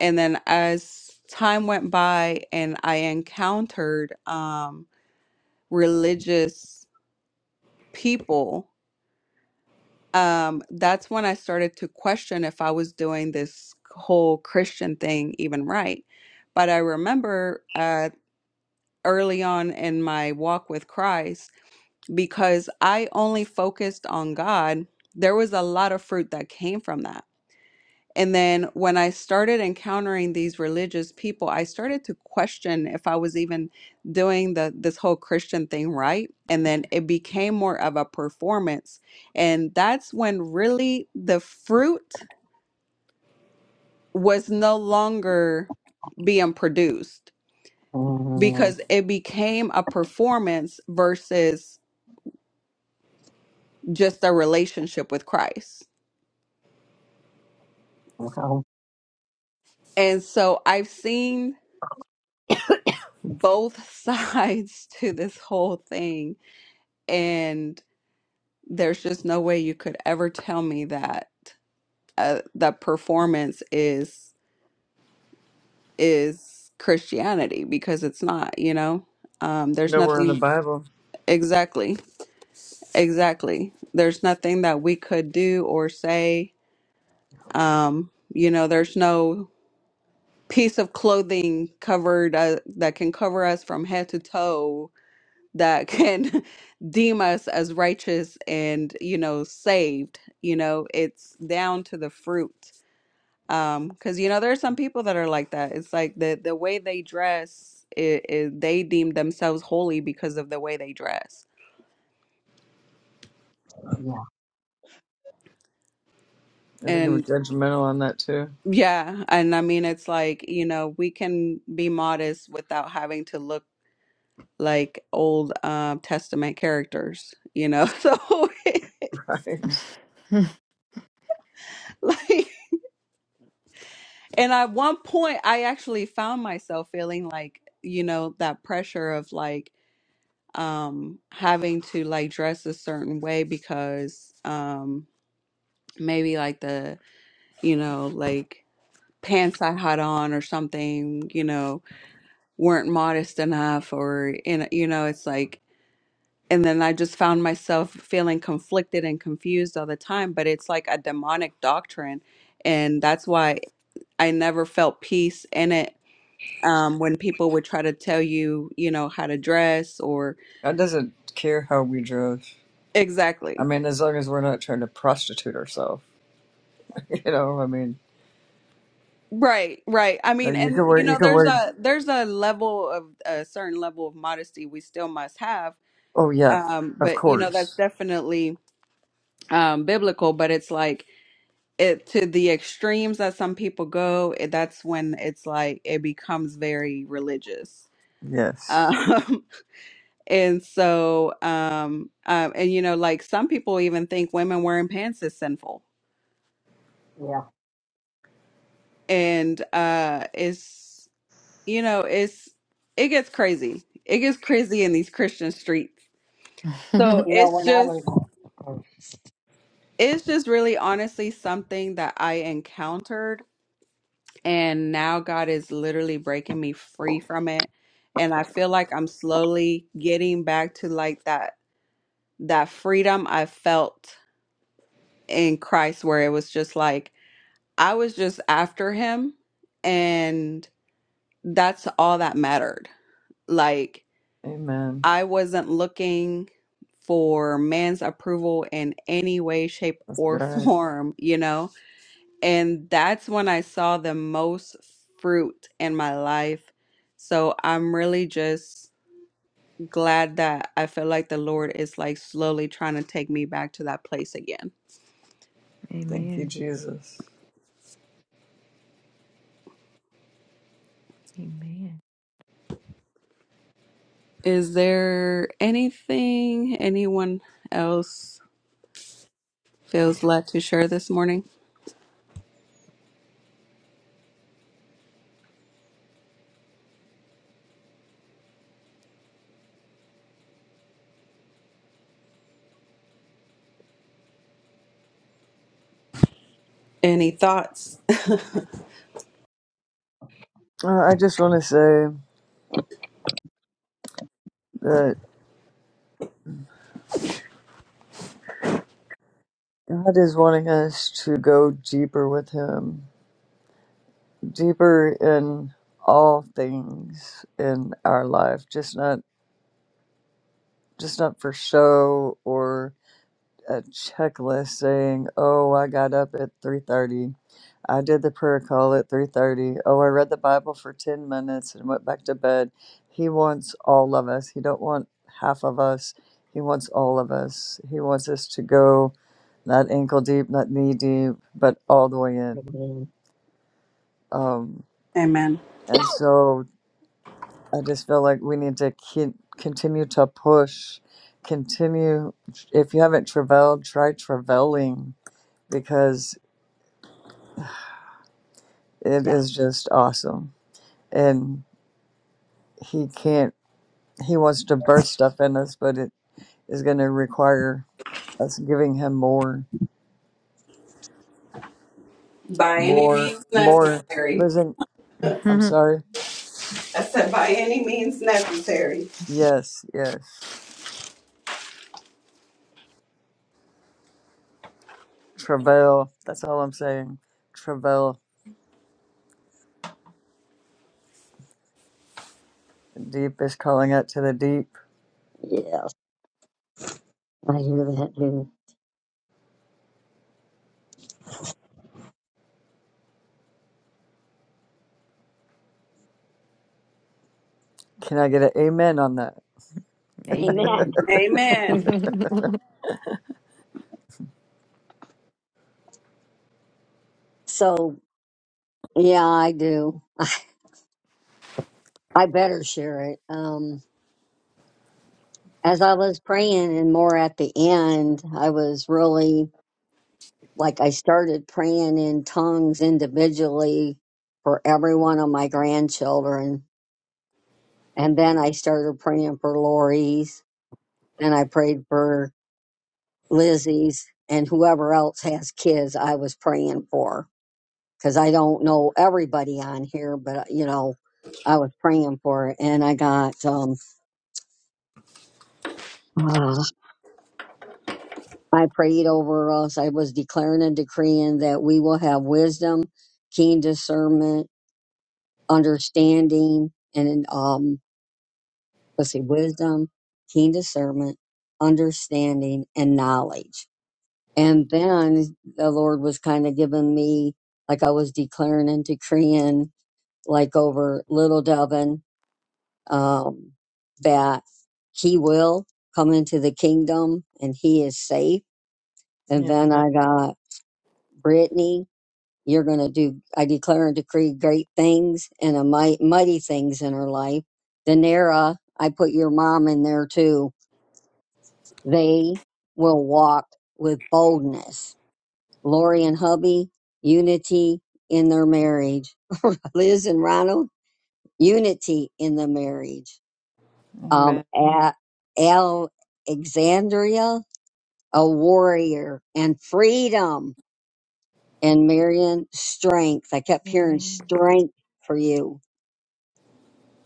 Speaker 1: and then as time went by and I encountered um religious people, um that's when I started to question if I was doing this whole Christian thing even right. But I remember uh, early on in my walk with Christ because I only focused on God. There was a lot of fruit that came from that. And then when I started encountering these religious people, I started to question if I was even doing the this whole Christian thing right. And then it became more of a performance. And that's when really the fruit was no longer being produced
Speaker 3: hmm
Speaker 1: because it became a performance versus just a relationship with Christ.
Speaker 3: Wow.
Speaker 1: And so I've seen both sides to this whole thing, and there's just no way you could ever tell me that uh, the performance is is Christianity because it's not. You know, um, there's
Speaker 2: Nowhere in the
Speaker 1: nothing
Speaker 2: Bible.
Speaker 1: exactly, exactly. There's nothing that we could do or say. Um, you know, there's no piece of clothing covered uh, that can cover us from head to toe that can deem us as righteous and you know saved you know it's down to the fruit um because you know there are some people that are like that it's like the the way they dress it, it, they deem themselves holy because of the way they dress
Speaker 3: Yeah.
Speaker 2: I think I'm
Speaker 1: and
Speaker 2: judgmental on that too.
Speaker 1: yeah and i mean it's like you know we can be modest without having to look like Old um, Testament characters, you know? So,
Speaker 2: Right.
Speaker 1: like, and at one point, I actually found myself feeling like, you know, that pressure of like um, having to like dress a certain way because um, maybe like the, you know, like pants I had on or something, you know, weren't modest enough or, in you know, it's like, and then I just found myself feeling conflicted and confused all the time. But it's like a demonic doctrine, and that's why I never felt peace in it. Um, when people would try to tell you, you know, how to dress or
Speaker 2: God doesn't care how we dress. I
Speaker 1: exactly
Speaker 2: mean, as long as we're not trying to prostitute ourselves. You know, I mean,
Speaker 1: right, right. I
Speaker 2: you
Speaker 1: mean,
Speaker 2: you
Speaker 1: and
Speaker 2: can wear,
Speaker 1: you
Speaker 2: you
Speaker 1: know,
Speaker 2: can
Speaker 1: there's a
Speaker 2: wear.
Speaker 1: there's a level of a certain level of modesty we still must have.
Speaker 2: Oh yeah,
Speaker 1: Um,
Speaker 2: of
Speaker 1: but you know, that's
Speaker 2: course.
Speaker 1: definitely um biblical. But it's like it to the extremes that some people go, it, that's when it's like it becomes very religious.
Speaker 2: Yes.
Speaker 1: Um, and so, um, um, and you know, like some people even think women wearing pants is sinful,
Speaker 3: Yeah.
Speaker 1: and uh, it's you know, it's it gets crazy. It gets crazy in these Christian streets. So
Speaker 3: You know,
Speaker 1: it's
Speaker 3: when I
Speaker 1: just,
Speaker 3: was
Speaker 1: it's just really honestly something that I encountered And now God is literally breaking me free from it. And I feel like I'm slowly getting back to like that that freedom I felt in Christ where it was just like I was just after him and that's all that mattered. Like
Speaker 2: Amen.
Speaker 1: I wasn't looking for man's approval in any way, shape,
Speaker 2: That's
Speaker 1: or
Speaker 2: right.
Speaker 1: form, you know? and that's when I saw the most fruit in my life. So I'm really just glad that I feel like the Lord is like slowly trying to take me back to that place again.
Speaker 2: Thank you,
Speaker 5: Amen.
Speaker 2: Jesus.
Speaker 5: Amen.
Speaker 1: Is there anything anyone else feels led to share this morning? Any thoughts?
Speaker 2: Uh, I just want to say that God is wanting us to go deeper with Him. deeper in all things in our life just not just not for show or a checklist saying oh i got up at 3.30 i did the prayer call at 3.30 oh i read the bible for 10 minutes and went back to bed he wants all of us he don't want half of us he wants all of us he wants us to go not ankle deep not knee deep but all the way in
Speaker 3: Amen.
Speaker 2: um,
Speaker 1: Amen.
Speaker 2: and so I just feel like we need to keep, continue to push, continue. If you haven't traveled, try traveling because it
Speaker 3: yeah.
Speaker 2: is just awesome. And he can't, he wants to burst stuff in us, but it is going to require us giving him more,
Speaker 1: By any
Speaker 2: more,
Speaker 1: means
Speaker 2: more.
Speaker 1: necessary.
Speaker 2: Listen, I'm
Speaker 5: Mhm.
Speaker 2: sorry.
Speaker 1: I said, by any means necessary.
Speaker 2: Yes, yes. Travail. That's all I'm saying. Travail. Deep is calling out to the deep.
Speaker 3: Yes. I hear that too.
Speaker 2: Can I get an amen on that?
Speaker 3: Amen.
Speaker 5: Amen.
Speaker 3: So yeah, I do. I better share it. Um, as I was praying and more at the end, I was really like I started praying in tongues individually for every one of my grandchildren. And then I started praying for Lori's and I prayed for Lizzie's and whoever else has kids I was praying for. Cause I don't know everybody on here, but you know, I was praying for it and I got, um, uh, I prayed over us. I was declaring and decreeing that we will have wisdom, keen discernment, understanding and um let's see wisdom keen discernment understanding and knowledge and then the lord was kind of giving me like i was declaring and decreeing like over little devin um that he will come into the kingdom and he is safe and
Speaker 2: Amen.
Speaker 3: then i got brittany You're going to do, I declare and decree great things and a might, mighty things in her life. Danera, I put your mom in there too. They will walk with boldness. Lori and hubby, unity in their marriage. Liz and Ronald, unity in the marriage. Um,
Speaker 2: Amen.
Speaker 3: at Alexandria, a warrior and freedom. And Marion, strength. I kept hearing
Speaker 5: Amen. Amen.
Speaker 3: strength for you.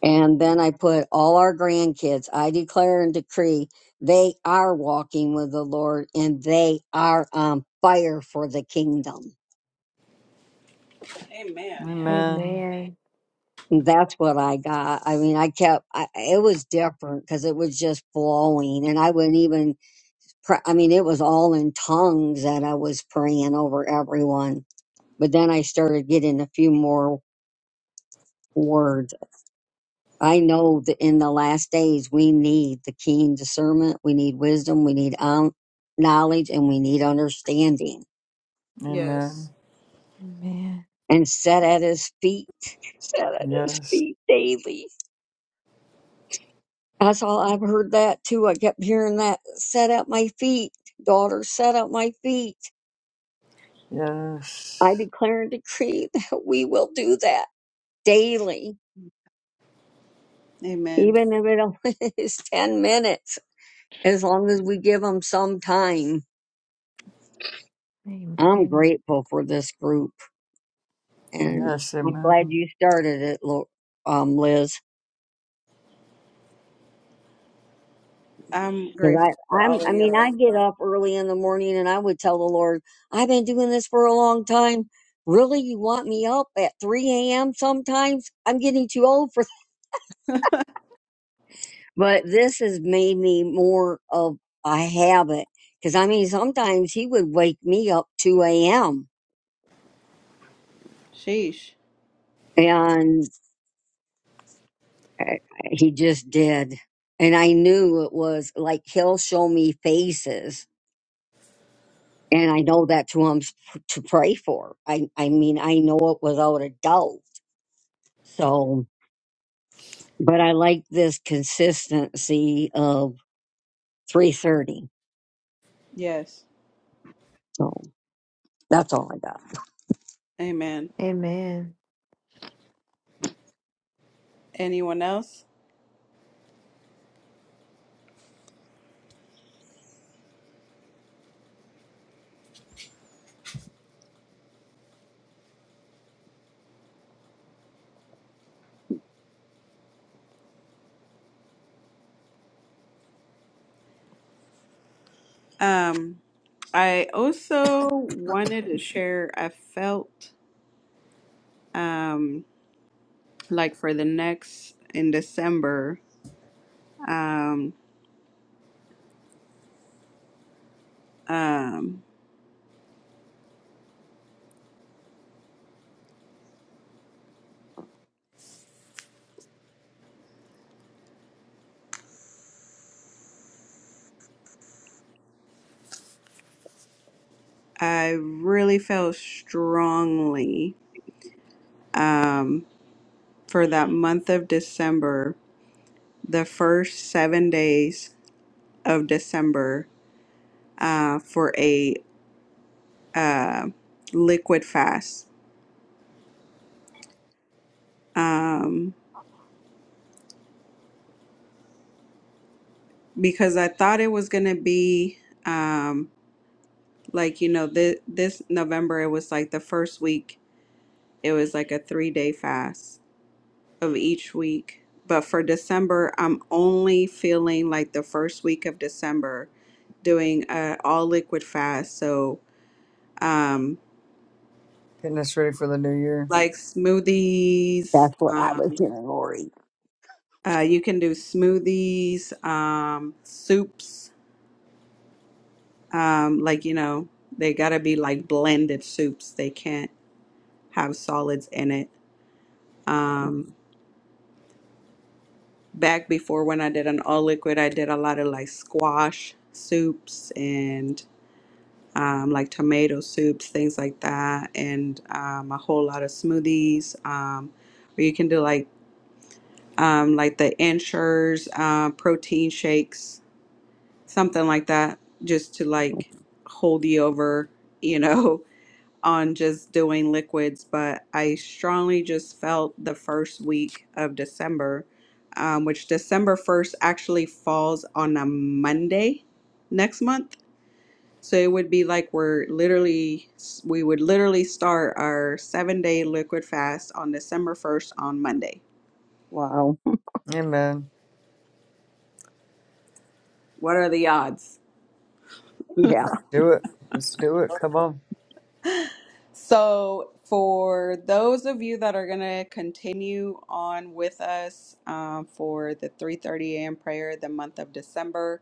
Speaker 3: And then I put all our grandkids, I declare and decree they are walking with the Lord and they are on fire for the kingdom.
Speaker 2: Amen.
Speaker 5: Amen.
Speaker 3: And That's what I got. I mean, I kept, I, it was different because it was just flowing and I wouldn't even, pra- I mean, it was all in tongues that I was praying over everyone. But then I started getting a few more words I know that in the last days, we need the keen discernment, we need wisdom, we need um, knowledge, and we need understanding.
Speaker 1: Yes.
Speaker 2: Amen.
Speaker 3: And set at his feet, set at his
Speaker 2: Yes.
Speaker 3: feet daily. That's all I've heard that too. I kept hearing that set at my feet, daughter, set at my feet. I
Speaker 2: Yes.
Speaker 3: declare and decree that we will do that daily,
Speaker 1: Amen.
Speaker 3: even if it only is 10 minutes, as long as we give them some time. I'm
Speaker 5: Amen.
Speaker 3: grateful for this group. and
Speaker 2: Yes.
Speaker 3: I'm glad
Speaker 2: Amen.
Speaker 3: you started it, Lo- um, Liz.
Speaker 1: I'm
Speaker 3: Because I,
Speaker 1: grateful for
Speaker 3: I'm,
Speaker 1: all
Speaker 3: I
Speaker 1: of
Speaker 3: mean, I
Speaker 1: y'all.
Speaker 3: get up early in the morning and I would tell the Lord, I've been doing this for a long time. Really, you want me up at 3 a.m. sometimes? I'm getting too old for. But this has made me more of a habit. Because I mean, sometimes He would wake me up 2 a.m.
Speaker 1: Sheesh.
Speaker 3: and uh, He just did, and I knew it was like He'll show me faces And I know that's who I'm sp- to pray for. I, I mean, I know it without a doubt. So, but I like this consistency of 330.
Speaker 1: Yes.
Speaker 3: So that's all I got.
Speaker 1: Amen.
Speaker 5: Amen.
Speaker 1: Anyone else? Um, I also wanted to share, I felt um, like for the next, in December, um, um, I really felt strongly um, for that month of December, the first seven days of December, uh, for a uh, liquid fast. Um, because I thought it was gonna be um like you know this this November it was like the first week it was like a three day fast of each week. But for December, I'm only feeling like the first week of December doing a all liquid fast. So um
Speaker 2: Getting us ready for the new year.
Speaker 1: like smoothies,
Speaker 3: That's what I
Speaker 1: um
Speaker 3: was hearing, Lori.
Speaker 1: uh, you can do smoothies, um soups, um like you know, they gotta be like blended soups. They can't have solids in it. Um, back before when I did an all liquid, I did a lot of like squash soups and um, like tomato soups, things like that, and um, a whole lot of smoothies. Um, or you can do like um, like the Ensures uh, protein shakes, something like that, just to like hold you over, you know. on just doing liquids, but I strongly just felt the first week of December, um, which December 1st actually falls on a Monday next month. So it would be like we're literally, we would literally start our seven day liquid fast on December 1st on Monday.
Speaker 3: Wow.
Speaker 2: Amen.
Speaker 1: What are the odds?
Speaker 3: Yeah.
Speaker 2: Let's do it. Let's do it. Come on.
Speaker 1: So, for those of you that are going to continue on with us um, for the 3:30 a.m. prayer, the month of December,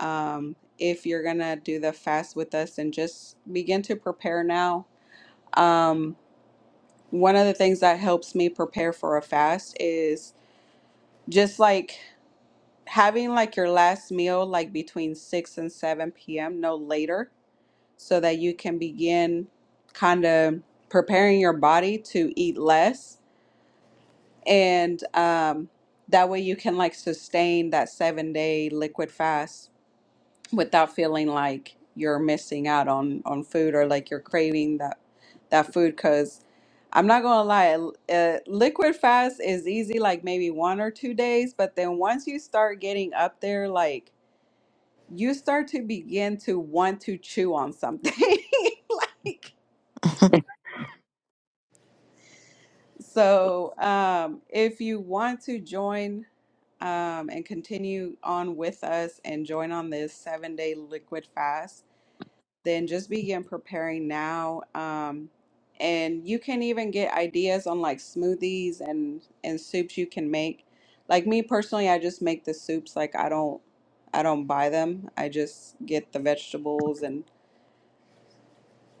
Speaker 1: um, if you're gonna do the fast with us and just begin to prepare now. Um, one of the things that helps me prepare for a fast is just like having like your last meal like between 6 and 7 p.m. no later so that you can begin kind of preparing your body to eat less and um, that way you can like sustain that seven day liquid fast without feeling like you're missing out on on food or like you're craving that that food because i'm not gonna lie l- uh, liquid fast is easy like maybe one or two days but then once you start getting up there like you start to begin to want to chew on something like so um if you want to join um and continue on with us and join on this seven day liquid fast then just begin preparing now. Um, and you can even get ideas on like smoothies and and soups you can make. Like me personally, I just make the soups. Like I don't I don't buy them. I just get the vegetables and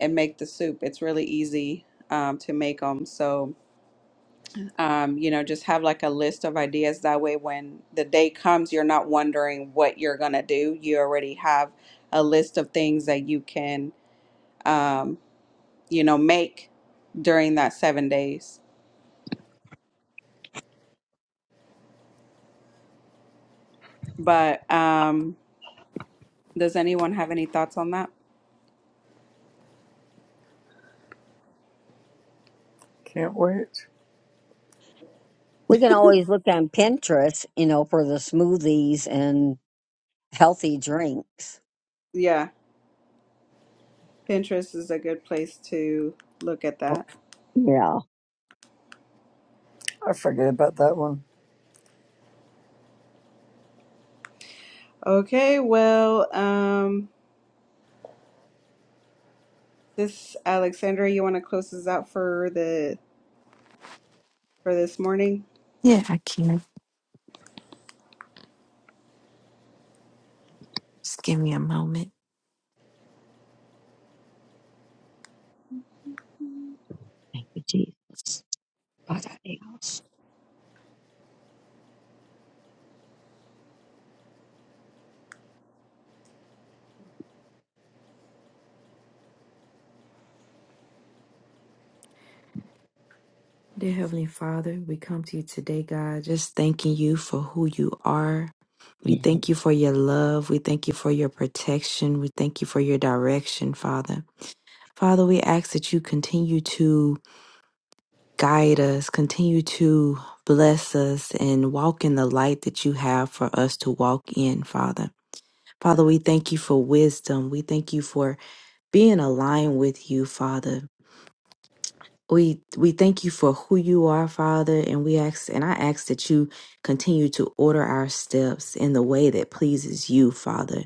Speaker 1: and make the soup. It's really easy um, to make them. So um, you know, just have like a list of ideas. That way, when the day comes, you're not wondering what you're gonna do. You already have a list of things that you can. Um, you know, make during that seven days. But um, does anyone have any thoughts on that?
Speaker 2: Can't wait.
Speaker 3: We can always look on Pinterest, you know, for the smoothies and healthy drinks.
Speaker 1: Yeah, Pinterest is a good place to look at
Speaker 3: Well,
Speaker 1: that.
Speaker 3: Yeah.
Speaker 2: I forget about that one.
Speaker 1: Okay, well, um, this Alexandra, you want to close this out for the for this morning?
Speaker 5: yeah, I can. Just give me a moment.
Speaker 3: thank you, Jesus. God, I hate us.
Speaker 5: Dear Heavenly Father, we come to you today, God, just thanking you for who you are. We
Speaker 3: Yeah.
Speaker 5: thank you for your love. We thank you for your protection. We thank you for your direction, Father. Father, we ask that you continue to guide us, continue to bless us, and walk in the light that you have for us to walk in, Father. Father, we thank you for wisdom. We thank you for being aligned with you, Father. We we thank you for who you are, Father, and we ask and I ask that you continue to order our steps in the way that pleases you, Father.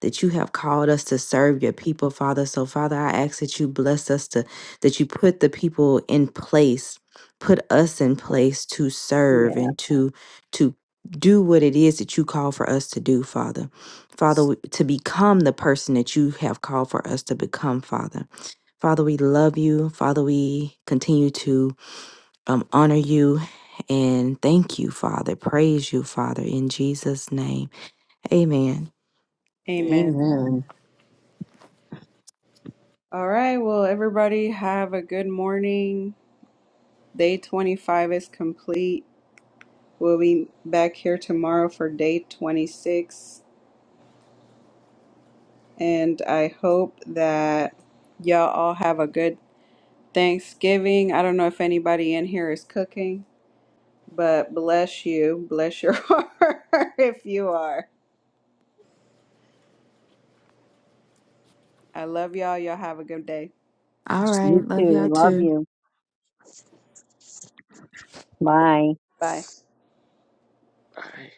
Speaker 5: That you have called us to serve your people, Father. So, Father, I ask that you bless us to that you put the people in place, put us in place to serve
Speaker 3: Yeah.
Speaker 5: and to to do what it is that you call for us to do, Father. Father, to become the person that you have called for us to become, Father. Father, we love you. Father, we continue to um, honor you and thank you, Father. Praise you, Father, in Jesus' name. Amen.
Speaker 1: Amen.
Speaker 3: Amen.
Speaker 1: All right, well, everybody have a good morning. Day 25 is complete. We'll be back here tomorrow for day 26. and I hope that y'all all have a good Thanksgiving. I don't know if anybody in here is cooking, but bless you. Bless your heart if you are. I love y'all. Y'all have a good day.
Speaker 5: All right.
Speaker 3: You
Speaker 5: Love
Speaker 3: too.
Speaker 5: y'all
Speaker 3: Love
Speaker 5: too.
Speaker 3: you. Bye.
Speaker 1: Bye.
Speaker 4: Bye.